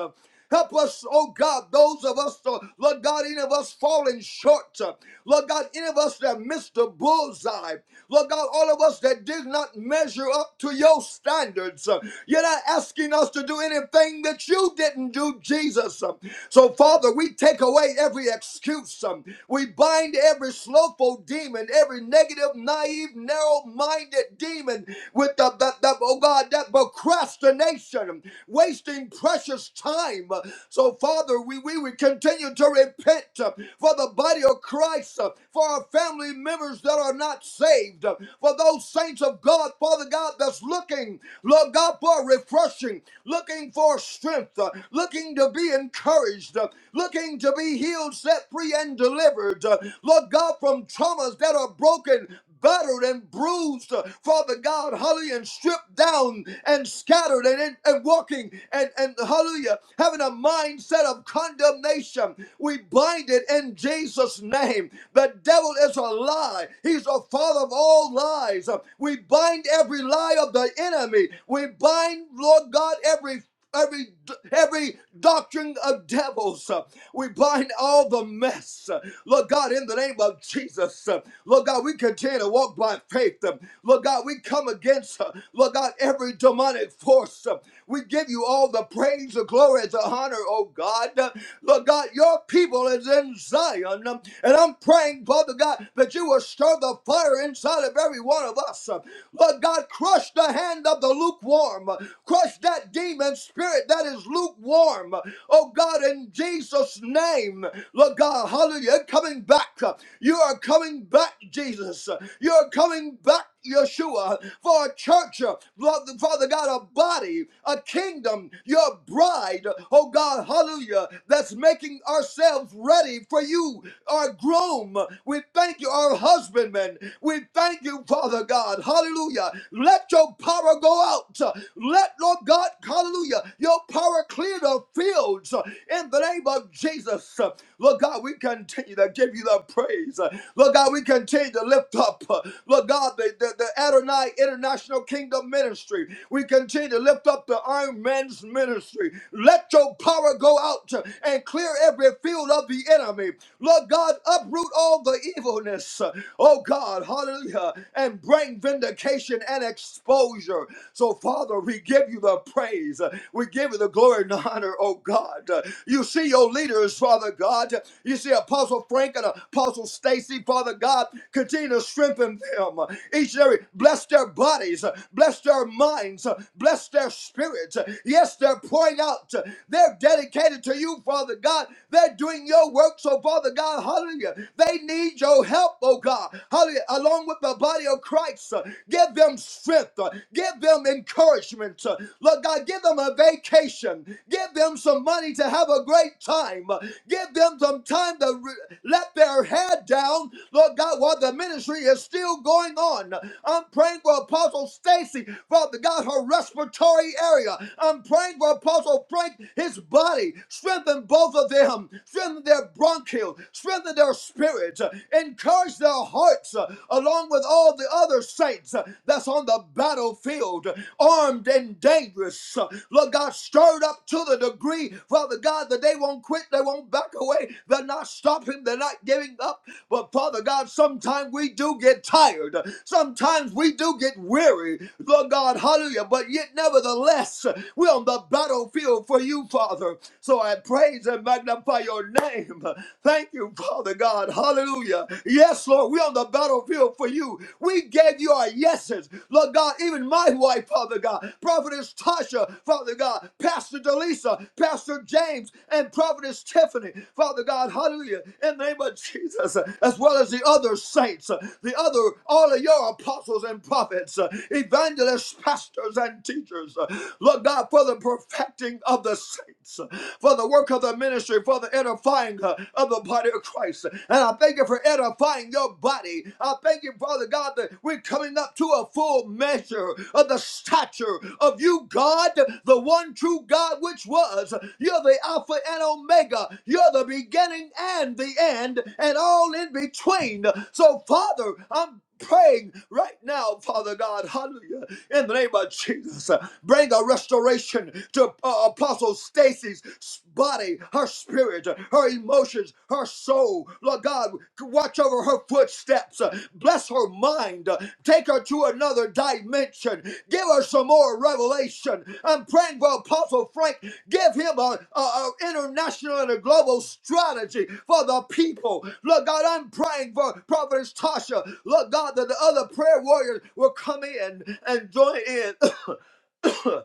Speaker 5: Help us, oh God, those of us, uh, Lord God, any of us falling short. uh, Lord God, any of us that missed the bullseye. Lord God, all of us that did not measure up to your standards. uh, You're not asking us to do anything that you didn't do, Jesus. Um, So, Father, we take away every excuse. um, We bind every slothful demon, every negative, naive, narrow minded demon with the, the, the, oh God, that procrastination, um, wasting precious time time. So, Father, we, we would continue to repent uh, for the body of Christ, uh, for our family members that are not saved, uh, for those saints of God, Father God, that's looking, Lord God, for refreshing, looking for strength, uh, looking to be encouraged, uh, looking to be healed, set free, and delivered. uh, Lord God, from traumas that are broken battered and bruised, uh, Father God, hallelujah, and stripped down and scattered and, and, and walking and, and hallelujah, having a mindset of condemnation. We bind it in Jesus' name. The devil is a lie. He's a father of all lies. Uh, We bind every lie of the enemy. We bind, Lord God, every every every doctrine of devils. uh, We bind all the mess. uh, Lord God, in the name of Jesus. uh, Lord God, we continue to walk by faith. uh, Lord God, we come against, uh, Lord God, every demonic force. uh, We give you all the praise, the glory, and the honor, oh God. Uh, Lord God, your people is in Zion. um, And I'm praying, Father God, that you will stir the fire inside of every one of us. uh, Lord God, crush the hand of the lukewarm lukewarm. Crush that demon spirit that is lukewarm. Oh God, in Jesus' name, Lord God, hallelujah, coming back. You are coming back, Jesus. You are coming back. Yeshua, for a church, Lord, Father God, a body, a kingdom, your bride, oh God, hallelujah, that's making ourselves ready for you, our groom. We thank you, our husbandman. We thank you, Father God, hallelujah, let your power go out. Let, Lord God, hallelujah, your power clear the fields in the name of Jesus. Lord God, we continue to give you the praise. Lord God, we continue to lift up, Lord God, the, the, the Adonai International Kingdom Ministry. We continue to lift up the Iron Man's ministry. Let your power go out and clear every field of the enemy. Lord God, uproot all the evilness. Oh God, hallelujah uh, and bring vindication and exposure. So, Father, we give you the praise. Uh, We give you the glory and the honor, oh God. Uh, You see your leaders, Father God. You see Apostle Frank and Apostle Stacy, Father God. Continue to strengthen them. Uh, Each and every, bless their bodies, uh, bless their minds, uh, bless their spirits. Uh, Yes, they're pouring out. Uh, They're dedicated to you, Father God. They're doing your work. So, Father God, hallelujah. They need your help help, oh God. Hallelujah. Along with the body of Christ, uh, give them strength, uh, give them encouragement. uh, Lord God, give them a vacation, give them some money to have a great time, uh, give them some time to re- let their head down, Lord God, while the ministry is still going on. I'm praying for Apostle Stacy, Father God, her respiratory area. I'm praying for Apostle Frank, his body. Strengthen both of them. Strengthen their bronchial strengthen their spirits, uh, encourage their hearts, uh, along with all the other saints uh, that's on the battlefield, uh, armed and dangerous. uh, Lord God, stirred up to the degree, Father God, that they won't quit, they won't back away, they're not stopping, they're not giving up. But Father God, sometimes we do get tired, sometimes we do get weary, Lord God, hallelujah. But yet, nevertheless, we're on the battlefield for you, Father. So I praise and magnify magnify your name. Thank you, Father God. Hallelujah. Yes, Lord, we're on the battlefield for you. We gave you our yeses. Lord God, even my wife, Father God, Prophetess Tasha, Father God, Pastor Delisa, Pastor James, and Prophetess Tiffany, Father God, hallelujah, in the name of Jesus, as well as the other saints, the other, all of your apostles and prophets, evangelists, pastors, and teachers. Lord God, for the perfecting of the saints saints, for the work of the ministry, for the edifying uh, of the body of Christ. And I thank you for edifying your body. I thank you, Father God, that we're coming up to a full measure of the stature of you, God, the one true God, which was. You're the Alpha and Omega. You're the beginning and the end, and all in between. So, Father, I'm praying right now, Father God, hallelujah, in the name of Jesus. Bring a restoration to uh, Apostle Stacy's body, her spirit, her emotions, her soul. Lord God, watch over her footsteps. uh, Bless her mind. uh, Take her to another dimension. Give her some more revelation. I'm praying for Apostle Frank. Give him a, a international and a global strategy for the people. Lord God, I'm praying for Prophetess Tasha. Lord God, that the other prayer warriors will come in and join in.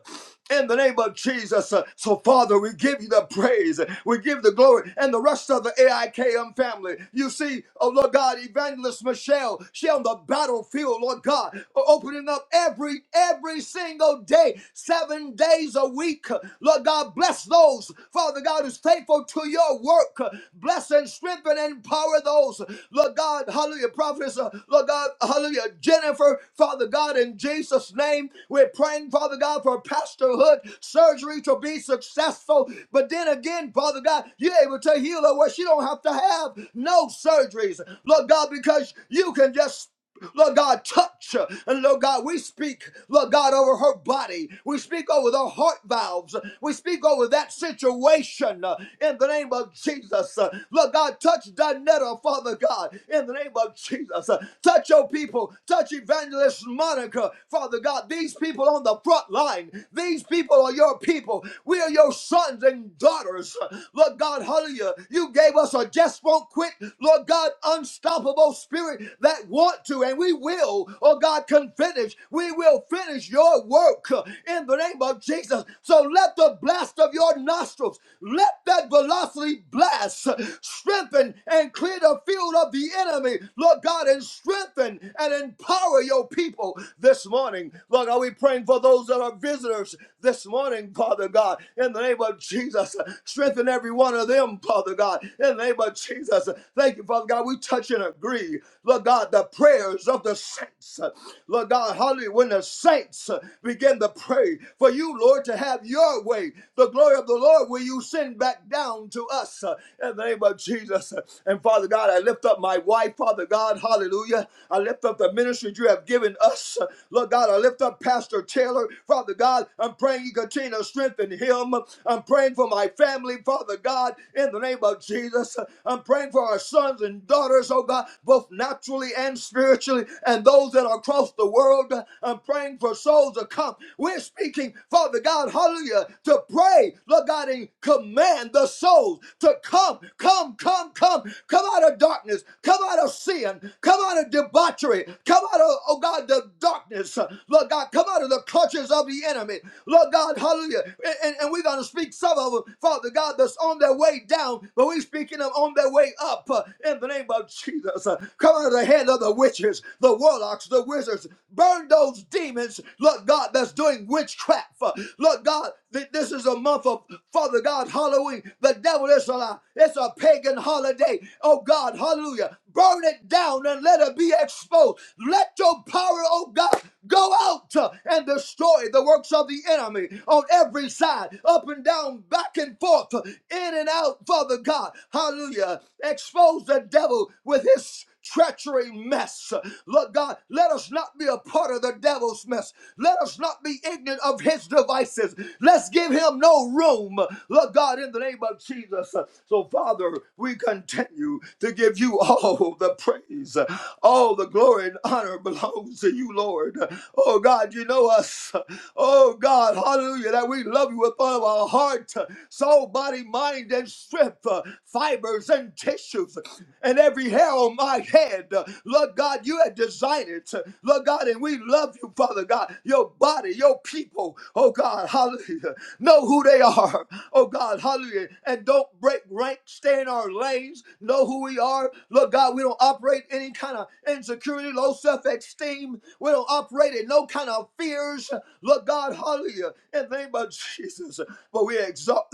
Speaker 5: in the name of Jesus. Uh, So, Father, we give you the praise, we give the glory, and the rest of the AIKM family. You see, oh Lord God, Evangelist Michelle, she on the battlefield, Lord God, opening up every every single day, seven days a week. Lord God, bless those, Father God, who's faithful to your work. Bless and strengthen and empower those, Lord God, hallelujah, prophets, uh, Lord God, hallelujah, Jennifer, Father God, in Jesus' name, we're praying, Father God, for Pastor pastorhood surgery to be successful. But then again, Father God, you're able to heal her where she don't have to have no surgeries. Lord God, because you can just Lord God, touch. her. And Lord God, we speak, Lord God, over her body. We speak over the heart valves. We speak over that situation uh, in the name of Jesus. Uh, Lord God, touch Donetta, Father God, in the name of Jesus. Uh, Touch your people. Touch Evangelist Monica, Father God. These people on the front line. These people are your people. We are your sons and daughters. Lord God, hallelujah. You gave us a just won't quit, Lord God, unstoppable spirit that want to, and we will, oh God, can finish. We will finish your work uh, in the name of Jesus. So let the blast of your nostrils, let that velocity blast uh, strengthen and clear the field of the enemy, Lord God, and strengthen and empower your people this morning. Lord God, we praying for those that are visitors visitors this morning, Father God, in the name of Jesus. Strengthen every one of them, Father God, in the name of Jesus. Thank you, Father God. We touch and agree, Lord God, the prayers of the saints. Lord God, hallelujah. When the saints begin to pray for you, Lord, to have your way, the glory of the Lord will you send back down to us in the name of Jesus. And Father God, I lift up my wife, Father God, hallelujah. I lift up the ministry you have given us. Lord God, I lift up Pastor Taylor, Father God. God. I'm praying you continue to strengthen him. I'm praying for my family, Father God, in the name of Jesus. I'm praying for our sons and daughters, oh God, both naturally and spiritually, and those that are across the world. I'm praying for souls to come. We're speaking, Father God, hallelujah, to pray, Lord God, and command the souls to come, come, come, come, come out of darkness, come out of sin, come out of debauchery, come out of, oh God, the darkness, Lord God, come out of the clutches of the the enemy. Lord God, hallelujah. And, and, and we're going to speak some of them, Father God, that's on their way down, but we're speaking them on their way up uh, in the name of Jesus. Uh, come out of the hand of the witches, the warlocks, the wizards. Burn those demons, Lord God, that's doing witchcraft. Uh, Lord God, th- this is a month of Father God, Halloween. The devil is a lie. It's a pagan holiday. Oh God, hallelujah. Burn it down and let it be exposed. Let your power, oh God, go out uh, and destroy destroy the works of the enemy on every side, up and down, back and forth, in and out, Father God. Hallelujah. Expose the devil with his treachery mess. Lord God, let us not be a part of the devil's mess. Let us not be ignorant of his devices. Let's give him no room. Lord God, in the name of Jesus. So, Father, we continue to give you all the praise. All the glory and honor belongs to you, Lord. Oh God, you know us oh God, hallelujah, that we love you with all of our heart, soul, body, mind, and strength, uh, fibers and tissues, and every hair on my head. Lord God, you had designed it. Lord God, and we love you, Father God. Your body, your people, oh God, hallelujah. Know who they are, oh God, hallelujah. And don't break rank, stay in our lanes, know who we are. Lord God, we don't operate any kind of insecurity, low self esteem. We don't operate in no kind of fears. Lord God, hallelujah, in the name of Jesus. But we exalt,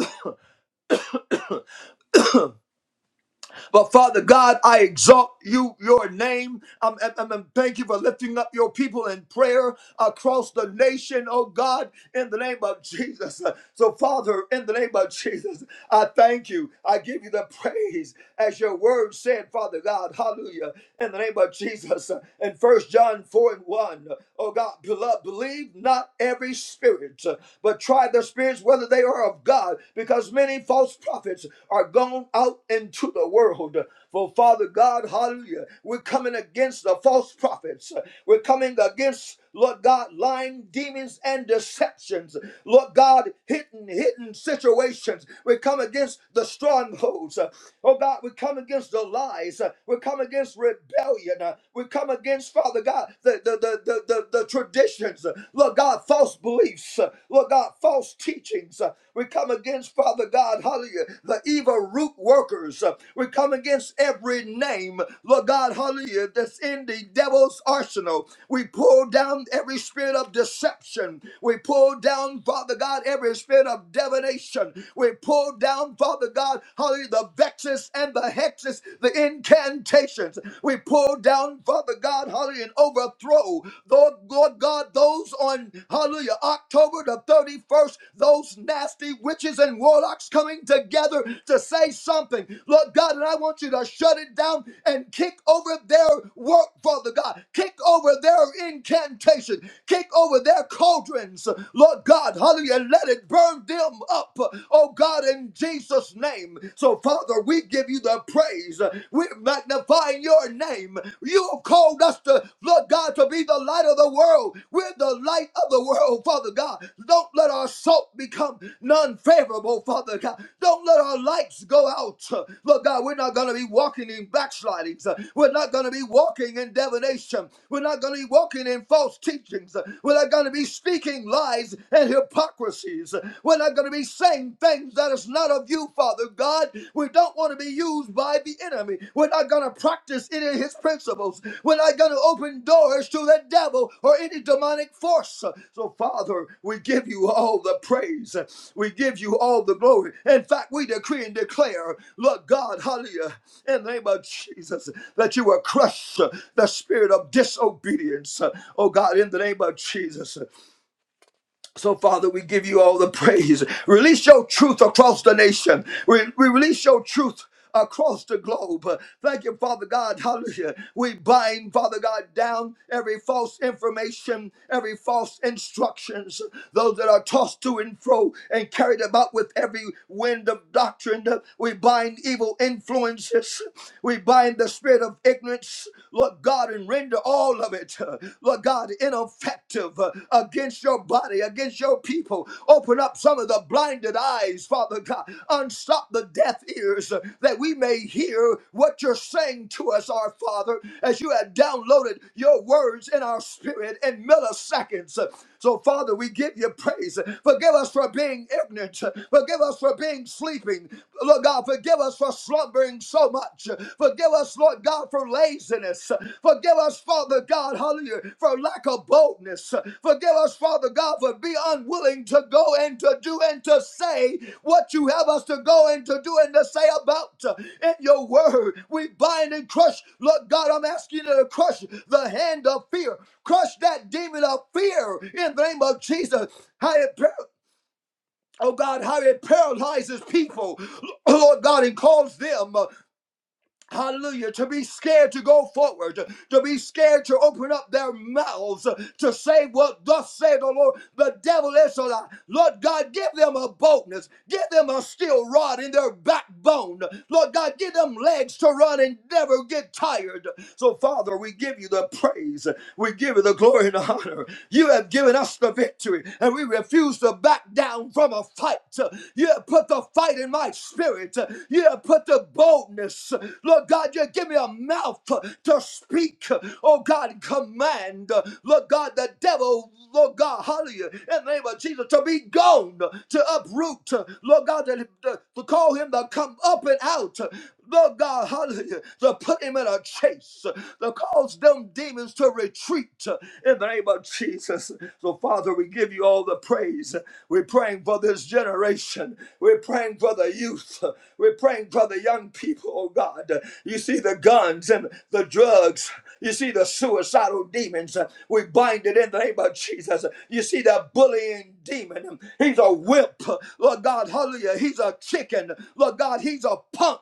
Speaker 5: but Father God, I exalt you, your name. Um, and, and- and thank you for lifting up your people in prayer across the nation, oh God, in the name of Jesus. So, Father, in the name of Jesus, I thank you. I give you the praise as your word said, Father God, hallelujah, in the name of Jesus. In First John 4 and 1, oh God, beloved, believe. believe not every spirit, uh, but try the spirits whether they are of God, because many false prophets are gone out into the world. For Father God, hallelujah, we're coming against the false prophets. We're coming against, Lord God, lying demons and deceptions. Lord God, hidden, hidden situations. We come against the strongholds. Oh God, we come against the lies. Uh, We come against rebellion. Uh, We come against, Father God, the, the, the, the, the, the traditions. Uh, Lord God, false beliefs. Uh, Lord God, false teachings. Uh, We come against, Father God, hallelujah, the evil root workers. Uh, We come against every name, Lord God, hallelujah, that's in the devil's arsenal. We pull down every spirit of deception. We pull down, Father God, every spirit of divination. We pull down down, Father God, hallelujah, the vexes and the hexes, the incantations. We pull down, Father God, hallelujah, and overthrow, Lord, Lord God, those on, hallelujah, October the 31st, those nasty witches and warlocks coming together to say something. Lord God, and I want you to shut it down and kick over their work, Father God. Kick over their incantation. Kick over their cauldrons, Lord God, hallelujah, and let it burn them up up, oh God, in Jesus' name. So, Father, we give you the praise. We magnify your name. You have called us to, Lord God, to be the light of the world. We're the light of the world, Father God. Don't let our salt become none favorable, Father God. Don't let our lights go out. Lord God, we're not going to be walking in backslidings. We're not going to be walking in divination. We're not going to be walking in false teachings. We're not going to be speaking lies and hypocrisy hypocrisies. We're not going to be saying things that is not of you, Father God. We don't want to be used by the enemy. We're not going to practice any of his principles. We're not going to open doors to the devil or any demonic force. So, Father, we give you all the praise. We give you all the glory. In fact, we decree and declare, Lord God, hallelujah, in the name of Jesus, that you will crush the spirit of disobedience. Oh God, in the name of Jesus. So, Father, we give you all the praise. Release your truth across the nation. We, we release your truth across the globe. Uh, Thank you, Father God. Hallelujah. We bind, Father God, down every false information, every false instructions, those that are tossed to and fro and carried about with every wind of doctrine. We bind evil influences. We bind the spirit of ignorance, Lord God, and render all of it, uh, Lord God, ineffective uh, against your body, against your people. Open up some of the blinded eyes, Father God. Unstop the deaf ears uh, that we may hear what you're saying to us, our Father, as you have downloaded your words in our spirit in milliseconds. So, Father, we give you praise. Forgive us for being ignorant. Forgive us for being sleeping. Lord God, forgive us for slumbering so much. Forgive us, Lord God, for laziness. Forgive us, Father God, hallelujah, for lack of boldness. Forgive us, Father God, for being unwilling to go and to do and to say what you have us to go and to do and to say about uh, in your word. We bind and crush, Lord God, I'm asking you to crush the hand of fear. Crush that demon of fear in the name of Jesus. How it par- Oh God, how it paralyzes people, Lord God, and calls them. Hallelujah. To be scared to go forward, to be scared to open up their mouths to say what thus saith the Lord. The devil is a lie. Lord God, give them a boldness. Give them a steel rod in their backbone. Lord God, give them legs to run and never get tired. So, Father, we give you the praise. We give you the glory and the honor. You have given us the victory, and we refuse to back down from a fight. You have put the fight in my Spirit. You have put the boldness. Lord God, you give me a mouth to speak. Oh God, command. Lord God, the devil. Lord God, hallelujah, in the name of Jesus, to be gone, to uproot, Lord God, to to call him to come up and out. Lord God, hallelujah, to put him in a chase, to cause them demons to retreat in the name of Jesus. So, Father, we give you all the praise. We're praying for this generation. We're praying for the youth. We're praying for the young people, oh God. You see the guns and the drugs. You see the suicidal demons. We bind it in the name of Jesus. You see that bullying demon. He's a whip. Lord God, hallelujah. He's a chicken. Lord God, Lord God, he's a punk.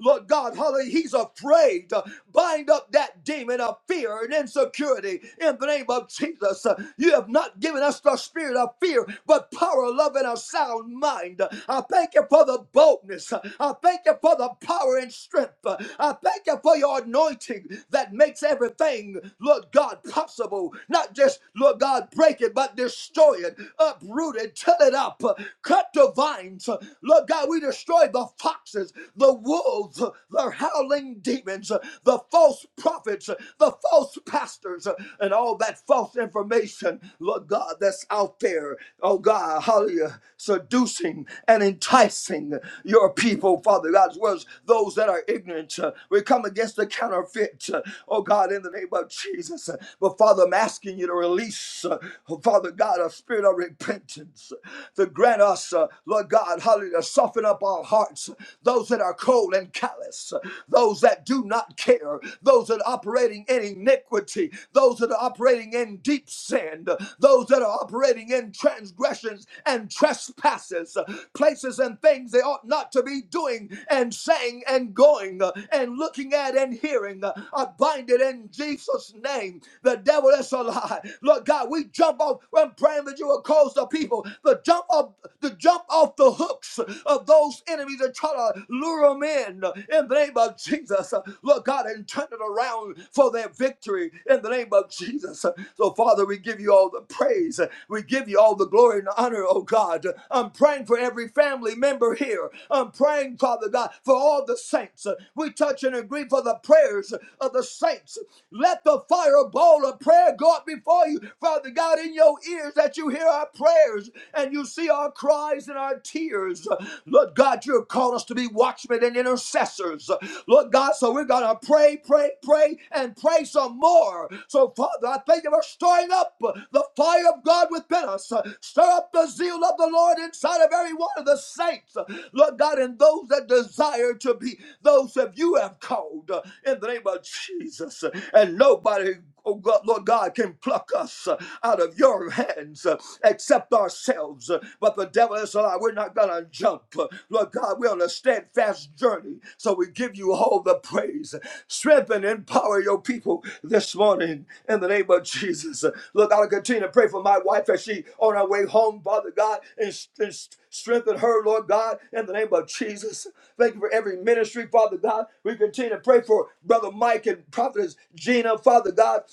Speaker 5: Lord God, hallelujah, he's afraid. Bind up that demon of fear and insecurity in the name of Jesus. You have not given us the spirit of fear, but power, love, and a sound mind. I thank you for the boldness. I thank you for the power and strength. I thank you for your anointing that makes everything, Lord God, possible. Not just, Lord God, break it, but destroy it, uproot it, till it up, cut the vines. Lord God, we destroy the foxes, the wolves, the howling demons, the false prophets, the false pastors, and all that false information, Lord God, that's out there. Oh God, hallelujah, seducing and enticing your people, Father God's words, those that are ignorant. uh, We come against the counterfeit, uh, oh God, in the name of Jesus. Uh, But Father, I'm asking you to release, uh, Father God, a spirit of repentance, to grant us, uh, Lord God, hallelujah, soften up our hearts. Those that are cold and callous, those that do not care, those that are operating in iniquity, those that are operating in deep sin, those that are operating in transgressions and trespasses, places and things they ought not to be doing and saying and going uh, and looking at and hearing. uh, I bind it in Jesus' name. The devil is a lie. Lord God, we jump off. I'm praying that you will cause the people tell people to jump off to jump off the hooks of those enemies and try to lure them in in the name of Jesus. Lord God, and turn it around for their victory in the name of Jesus. So, Father, we give you all the praise. We give you all the glory and the honor, oh God. I'm praying for every family member here. I'm praying, Father God, for all the saints. We touch and agree for the prayers of the saints. Let the fireball of prayer go up before you, Father God, in your ears that you hear our prayers and you see our cries and our tears. Lord God, you have called us to be watchmen and intercessors. Lord God, so we're going to pray, pray, pray, and pray some more. So, Father, I thank you for stirring up the fire of God within us. Stir up the zeal of the Lord inside of every one of the saints. Lord God, and those that desire to be those that you have called in the name of Jesus. And nobody oh God, Lord God, can pluck us uh, out of your hands uh, except ourselves. Uh, But the devil is alive. We're not going to jump. Uh, Lord God, we're on a steadfast journey. So we give you all the praise. Strengthen and empower your people this morning in the name of Jesus. Look, I'll continue to pray for my wife as she on her way home, Father God, and, and Strengthen her, Lord God, in the name of Jesus. Thank you for every ministry, Father God. We continue to pray for Brother Mike and Prophetess Gina, Father God.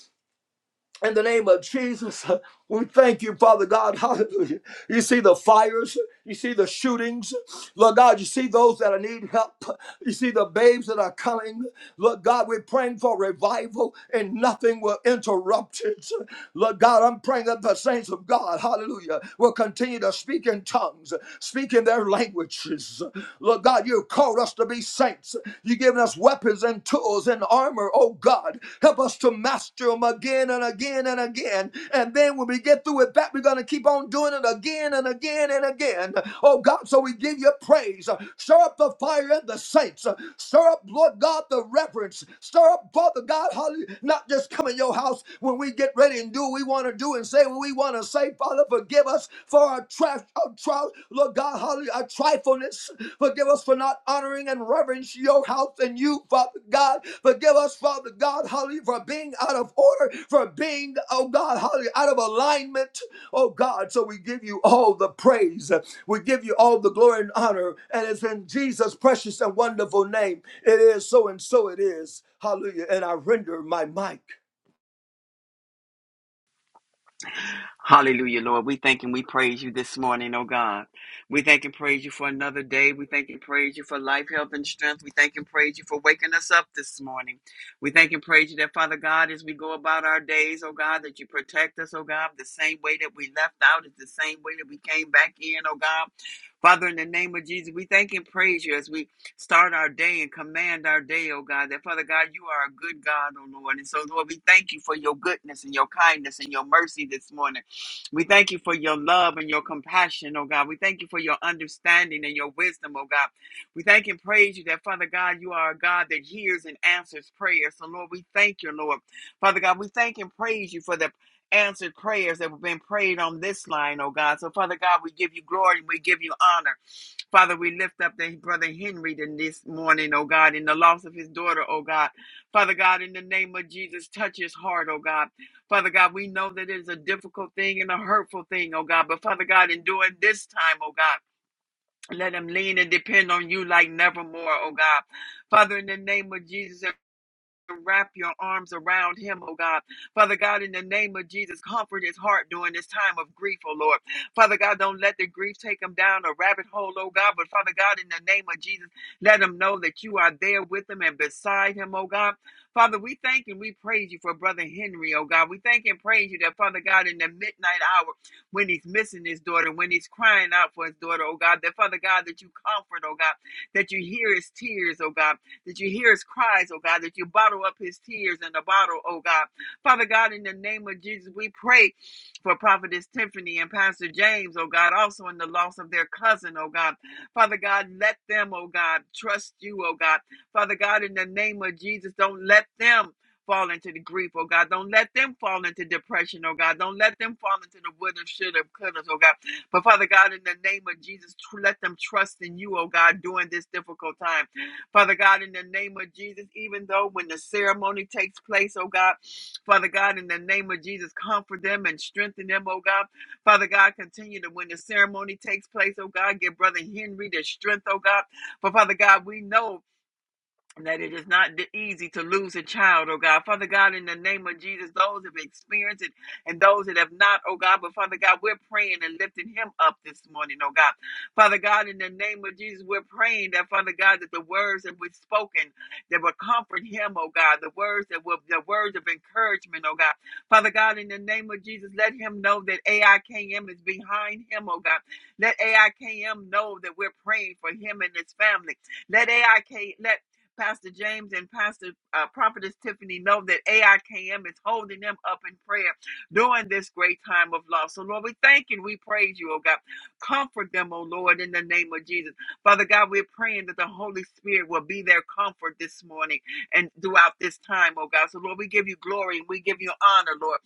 Speaker 5: In the name of Jesus, uh, we thank you, Father God. Hallelujah. You see the fires, you see the shootings. Lord God, you see those that need help. You see the babes that are coming. Lord God, we're praying for revival and nothing will interrupt it. Lord God, I'm praying that the saints of God, hallelujah, will continue to speak in tongues, speak in their languages. Lord God, you called us to be saints us. You've given us weapons and tools and armor, oh God. Help us to master them again and again and again. And then when we get through with that, we're going to keep on doing it again and again and again. Oh God, so we give you praise. Stir up the fire in the saints. Stir up, Lord God, the reverence. Stir up, Father God, hallelujah. Not just come in your house when we get ready and do what we want to do and say what we want to say. Father, forgive us for our Trash, uh, trial, Lord God, hallelujah, our trifleness. Forgive us for not honoring and reverence your house and you, Father God. Forgive us, Father God, hallelujah, for being out of order, for being, oh God, hallelujah, out of alignment, oh God. So we give you all the praise. We give you all the glory and honor. And it's in Jesus' precious and wonderful name. It is so and so it is. Hallelujah. And I render my mic.
Speaker 6: Hallelujah, Lord. We thank and we praise you this morning, oh God. We thank and praise you for another day. We thank and praise you for life, health, and strength. We thank and praise you for waking us up this morning. We thank and praise you that, Father God, as we go about our days, oh God, that you protect us, oh God. The same way that we left out is the same way that we came back in, oh God. Father, in the name of Jesus, we thank and praise you as we start our day and command our day, oh God, that Father God, you are a good God, oh Lord. And so, Lord, we thank you for your goodness and your kindness and your mercy this morning. We thank you for your love and your compassion, oh God. We thank you for your understanding and your wisdom, oh God. We thank and praise you that, Father God, you are a God that hears and answers prayers. So, Lord, we thank you, Lord. Father God, we thank and praise you for the answered prayers that have been prayed on this line, oh God. So, Father God, we give you glory and we give you honor. Father, we lift up the brother Henry this morning, oh God, in the loss of his daughter, oh God. Father God, in the name of Jesus, touch his heart, oh God. Father God, we know that it is a difficult thing and a hurtful thing, oh God. But Father God, in doing this time, oh God, let them lean and depend on you like nevermore, oh God. Father, in the name of Jesus wrap your arms around him, oh God. Father God, in the name of Jesus, comfort his heart during this time of grief, oh Lord. Father God, don't let the grief take him down a rabbit hole, oh God. But Father God, in the name of Jesus, let him know that you are there with him and beside him, oh God. Father, we thank and we praise you for Brother Henry, oh God. We thank and praise you that, Father God, in the midnight hour, when he's missing his daughter, when he's crying out for his daughter, oh God, that, Father God, that you comfort, oh God, that you hear his tears, oh God that you hear his cries, oh God, that you bottle up his tears in a bottle, oh God. Father God, in the name of Jesus, we pray for Prophetess Tiffany and Pastor James, oh God, also in the loss of their cousin, oh God. Father God, let them, oh God, trust you, oh God. Father God, in the name of Jesus, don't let them fall into the grief, oh God. Don't let them fall into depression, oh God. Don't let them fall into the would have, should have, could have, oh God. But Father God, in the name of Jesus, tr- let them trust in you, oh God, during this difficult time. Father God, in the name of Jesus, even though when the ceremony takes place, oh God, Father God, in the name of Jesus, comfort them and strengthen them, oh God. Father God, continue to when the ceremony takes place, oh God, give Brother Henry the strength, oh God. But Father God, we know and that it is not easy to lose a child, oh God. Father God, in the name of Jesus, those that have experienced it and those that have not, oh God, but Father God, we're praying and lifting him up this morning, oh God. Father God, in the name of Jesus, we're praying that, Father God, that the words that we've spoken that will comfort him, oh God, the words that will, the words of encouragement, oh God. Father God, in the name of Jesus, let him know that AIKM is behind him, oh God. Let AIKM know that we're praying for him and his family. Let AIK, let Pastor James and Pastor uh, Prophetess Tiffany know that AIKM is holding them up in prayer during this great time of loss. So, Lord, we thank you and we praise you, oh God. Comfort them, oh Lord, in the name of Jesus. Father God, we're praying that the Holy Spirit will be their comfort this morning and throughout this time, oh God. So, Lord, we give you glory and we give you honor, Lord.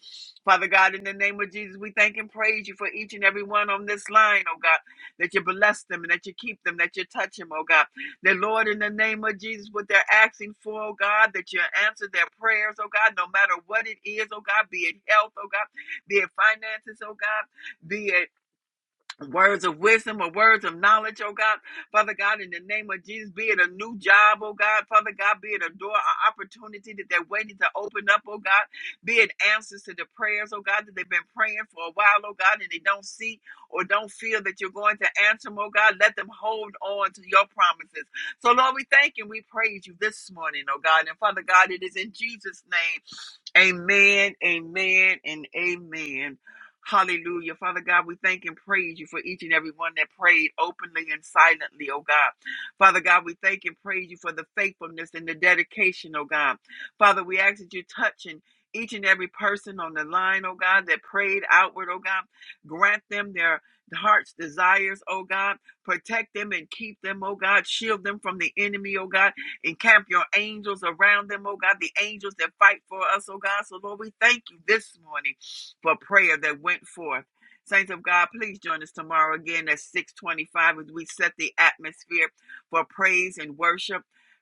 Speaker 6: Father God, in the name of Jesus, we thank and praise you for each and every one on this line, oh God, that you bless them and that you keep them, that you touch them, oh God. That, Lord, in the name of Jesus, what they're asking for, oh God, that you answer their prayers, oh God, no matter what it is, oh God, be it health, oh God, be it finances, oh God, be it words of wisdom or words of knowledge, oh God. Father God, in the name of Jesus, be it a new job, oh God. Father God, be it a door, an opportunity that they're waiting to open up, oh God. Be it answers to the prayers, oh God, that they've been praying for a while, oh God, and they don't see or don't feel that you're going to answer them, oh God. Let them hold on to your promises. So, Lord, we thank and we praise you this morning, oh God. And Father God, it is in Jesus' name. Amen, amen, and amen. Hallelujah. Father God, we thank and praise you for each and every one that prayed openly and silently, oh God. Father God, we thank and praise you for the faithfulness and the dedication, oh God. Father, we ask that you touch and each and every person on the line, oh God, that prayed outward, oh God. Grant them their heart's desires, oh God. Protect them and keep them, oh God. Shield them from the enemy, oh God Encamp your angels around them, oh God, the angels that fight for us, oh God. So, Lord, we thank you this morning for prayer that went forth. Saints of God, please join us tomorrow again at 625 as we set the atmosphere for praise and worship.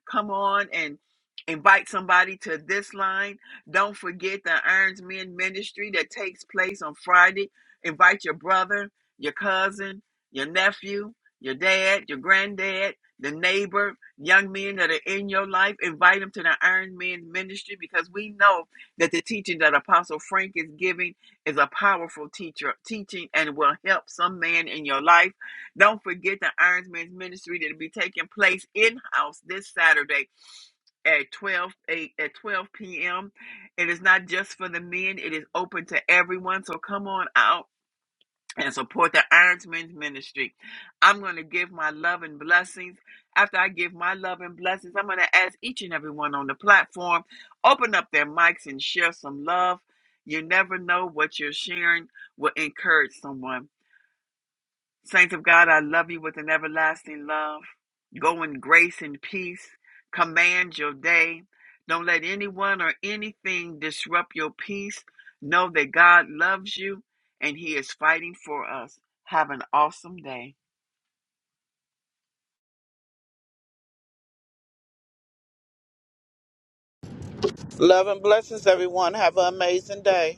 Speaker 6: Come on and invite somebody to this line. Don't forget the Irons Men Ministry that takes place on Friday. Invite your brother, your cousin, your nephew, your dad, your granddad, the neighbor, young men that are in your life, invite them to the Iron Men ministry because we know that the teaching that Apostle Frank is giving is a powerful teacher teaching and will help some man in your life. Don't forget the Iron Men's ministry that'll be taking place in-house this Saturday at twelve eight at 12 p.m. It is not just for the men, it is open to everyone. So come on out and support the Irons Men's Ministry. I'm going to give my love and blessings. After I give my love and blessings, I'm going to ask each and everyone on the platform open up their mics and share some love. You never know what you're sharing will encourage someone. Saints of God, I love you with an everlasting love. Go in grace and peace. Command your day. Don't let anyone or anything disrupt your peace. Know that God loves you and He is fighting for us. Have an awesome day.
Speaker 1: Love and blessings, everyone. Have an amazing day.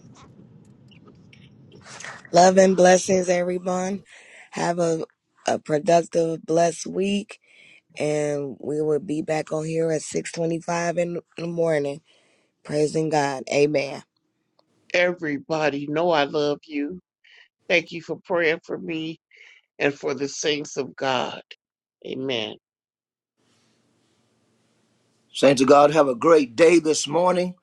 Speaker 2: Love and blessings, everyone. Have a, a productive, blessed week. and we will be back on here at 6.25 in the morning praising god amen
Speaker 3: Everybody know I love you. Thank you for praying for me and for the saints of God. Amen.
Speaker 5: Saints of God, have a great day this morning.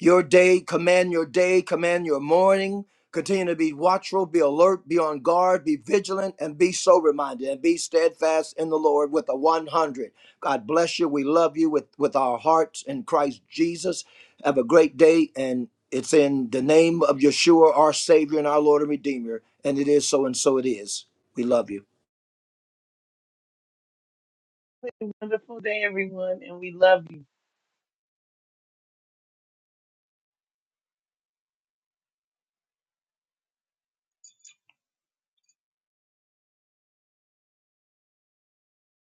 Speaker 5: Your day, command your day, command your morning. Continue to be watchful, be alert, be on guard, be vigilant, and be sober minded, and be steadfast in the Lord with a 100. God bless you. We love you with, with our hearts in Christ Jesus. Have a great day, and it's in the name of Yeshua, our Savior and our Lord and Redeemer. And it is so, and so it is. We love you.
Speaker 4: Wonderful day, everyone. And we love you.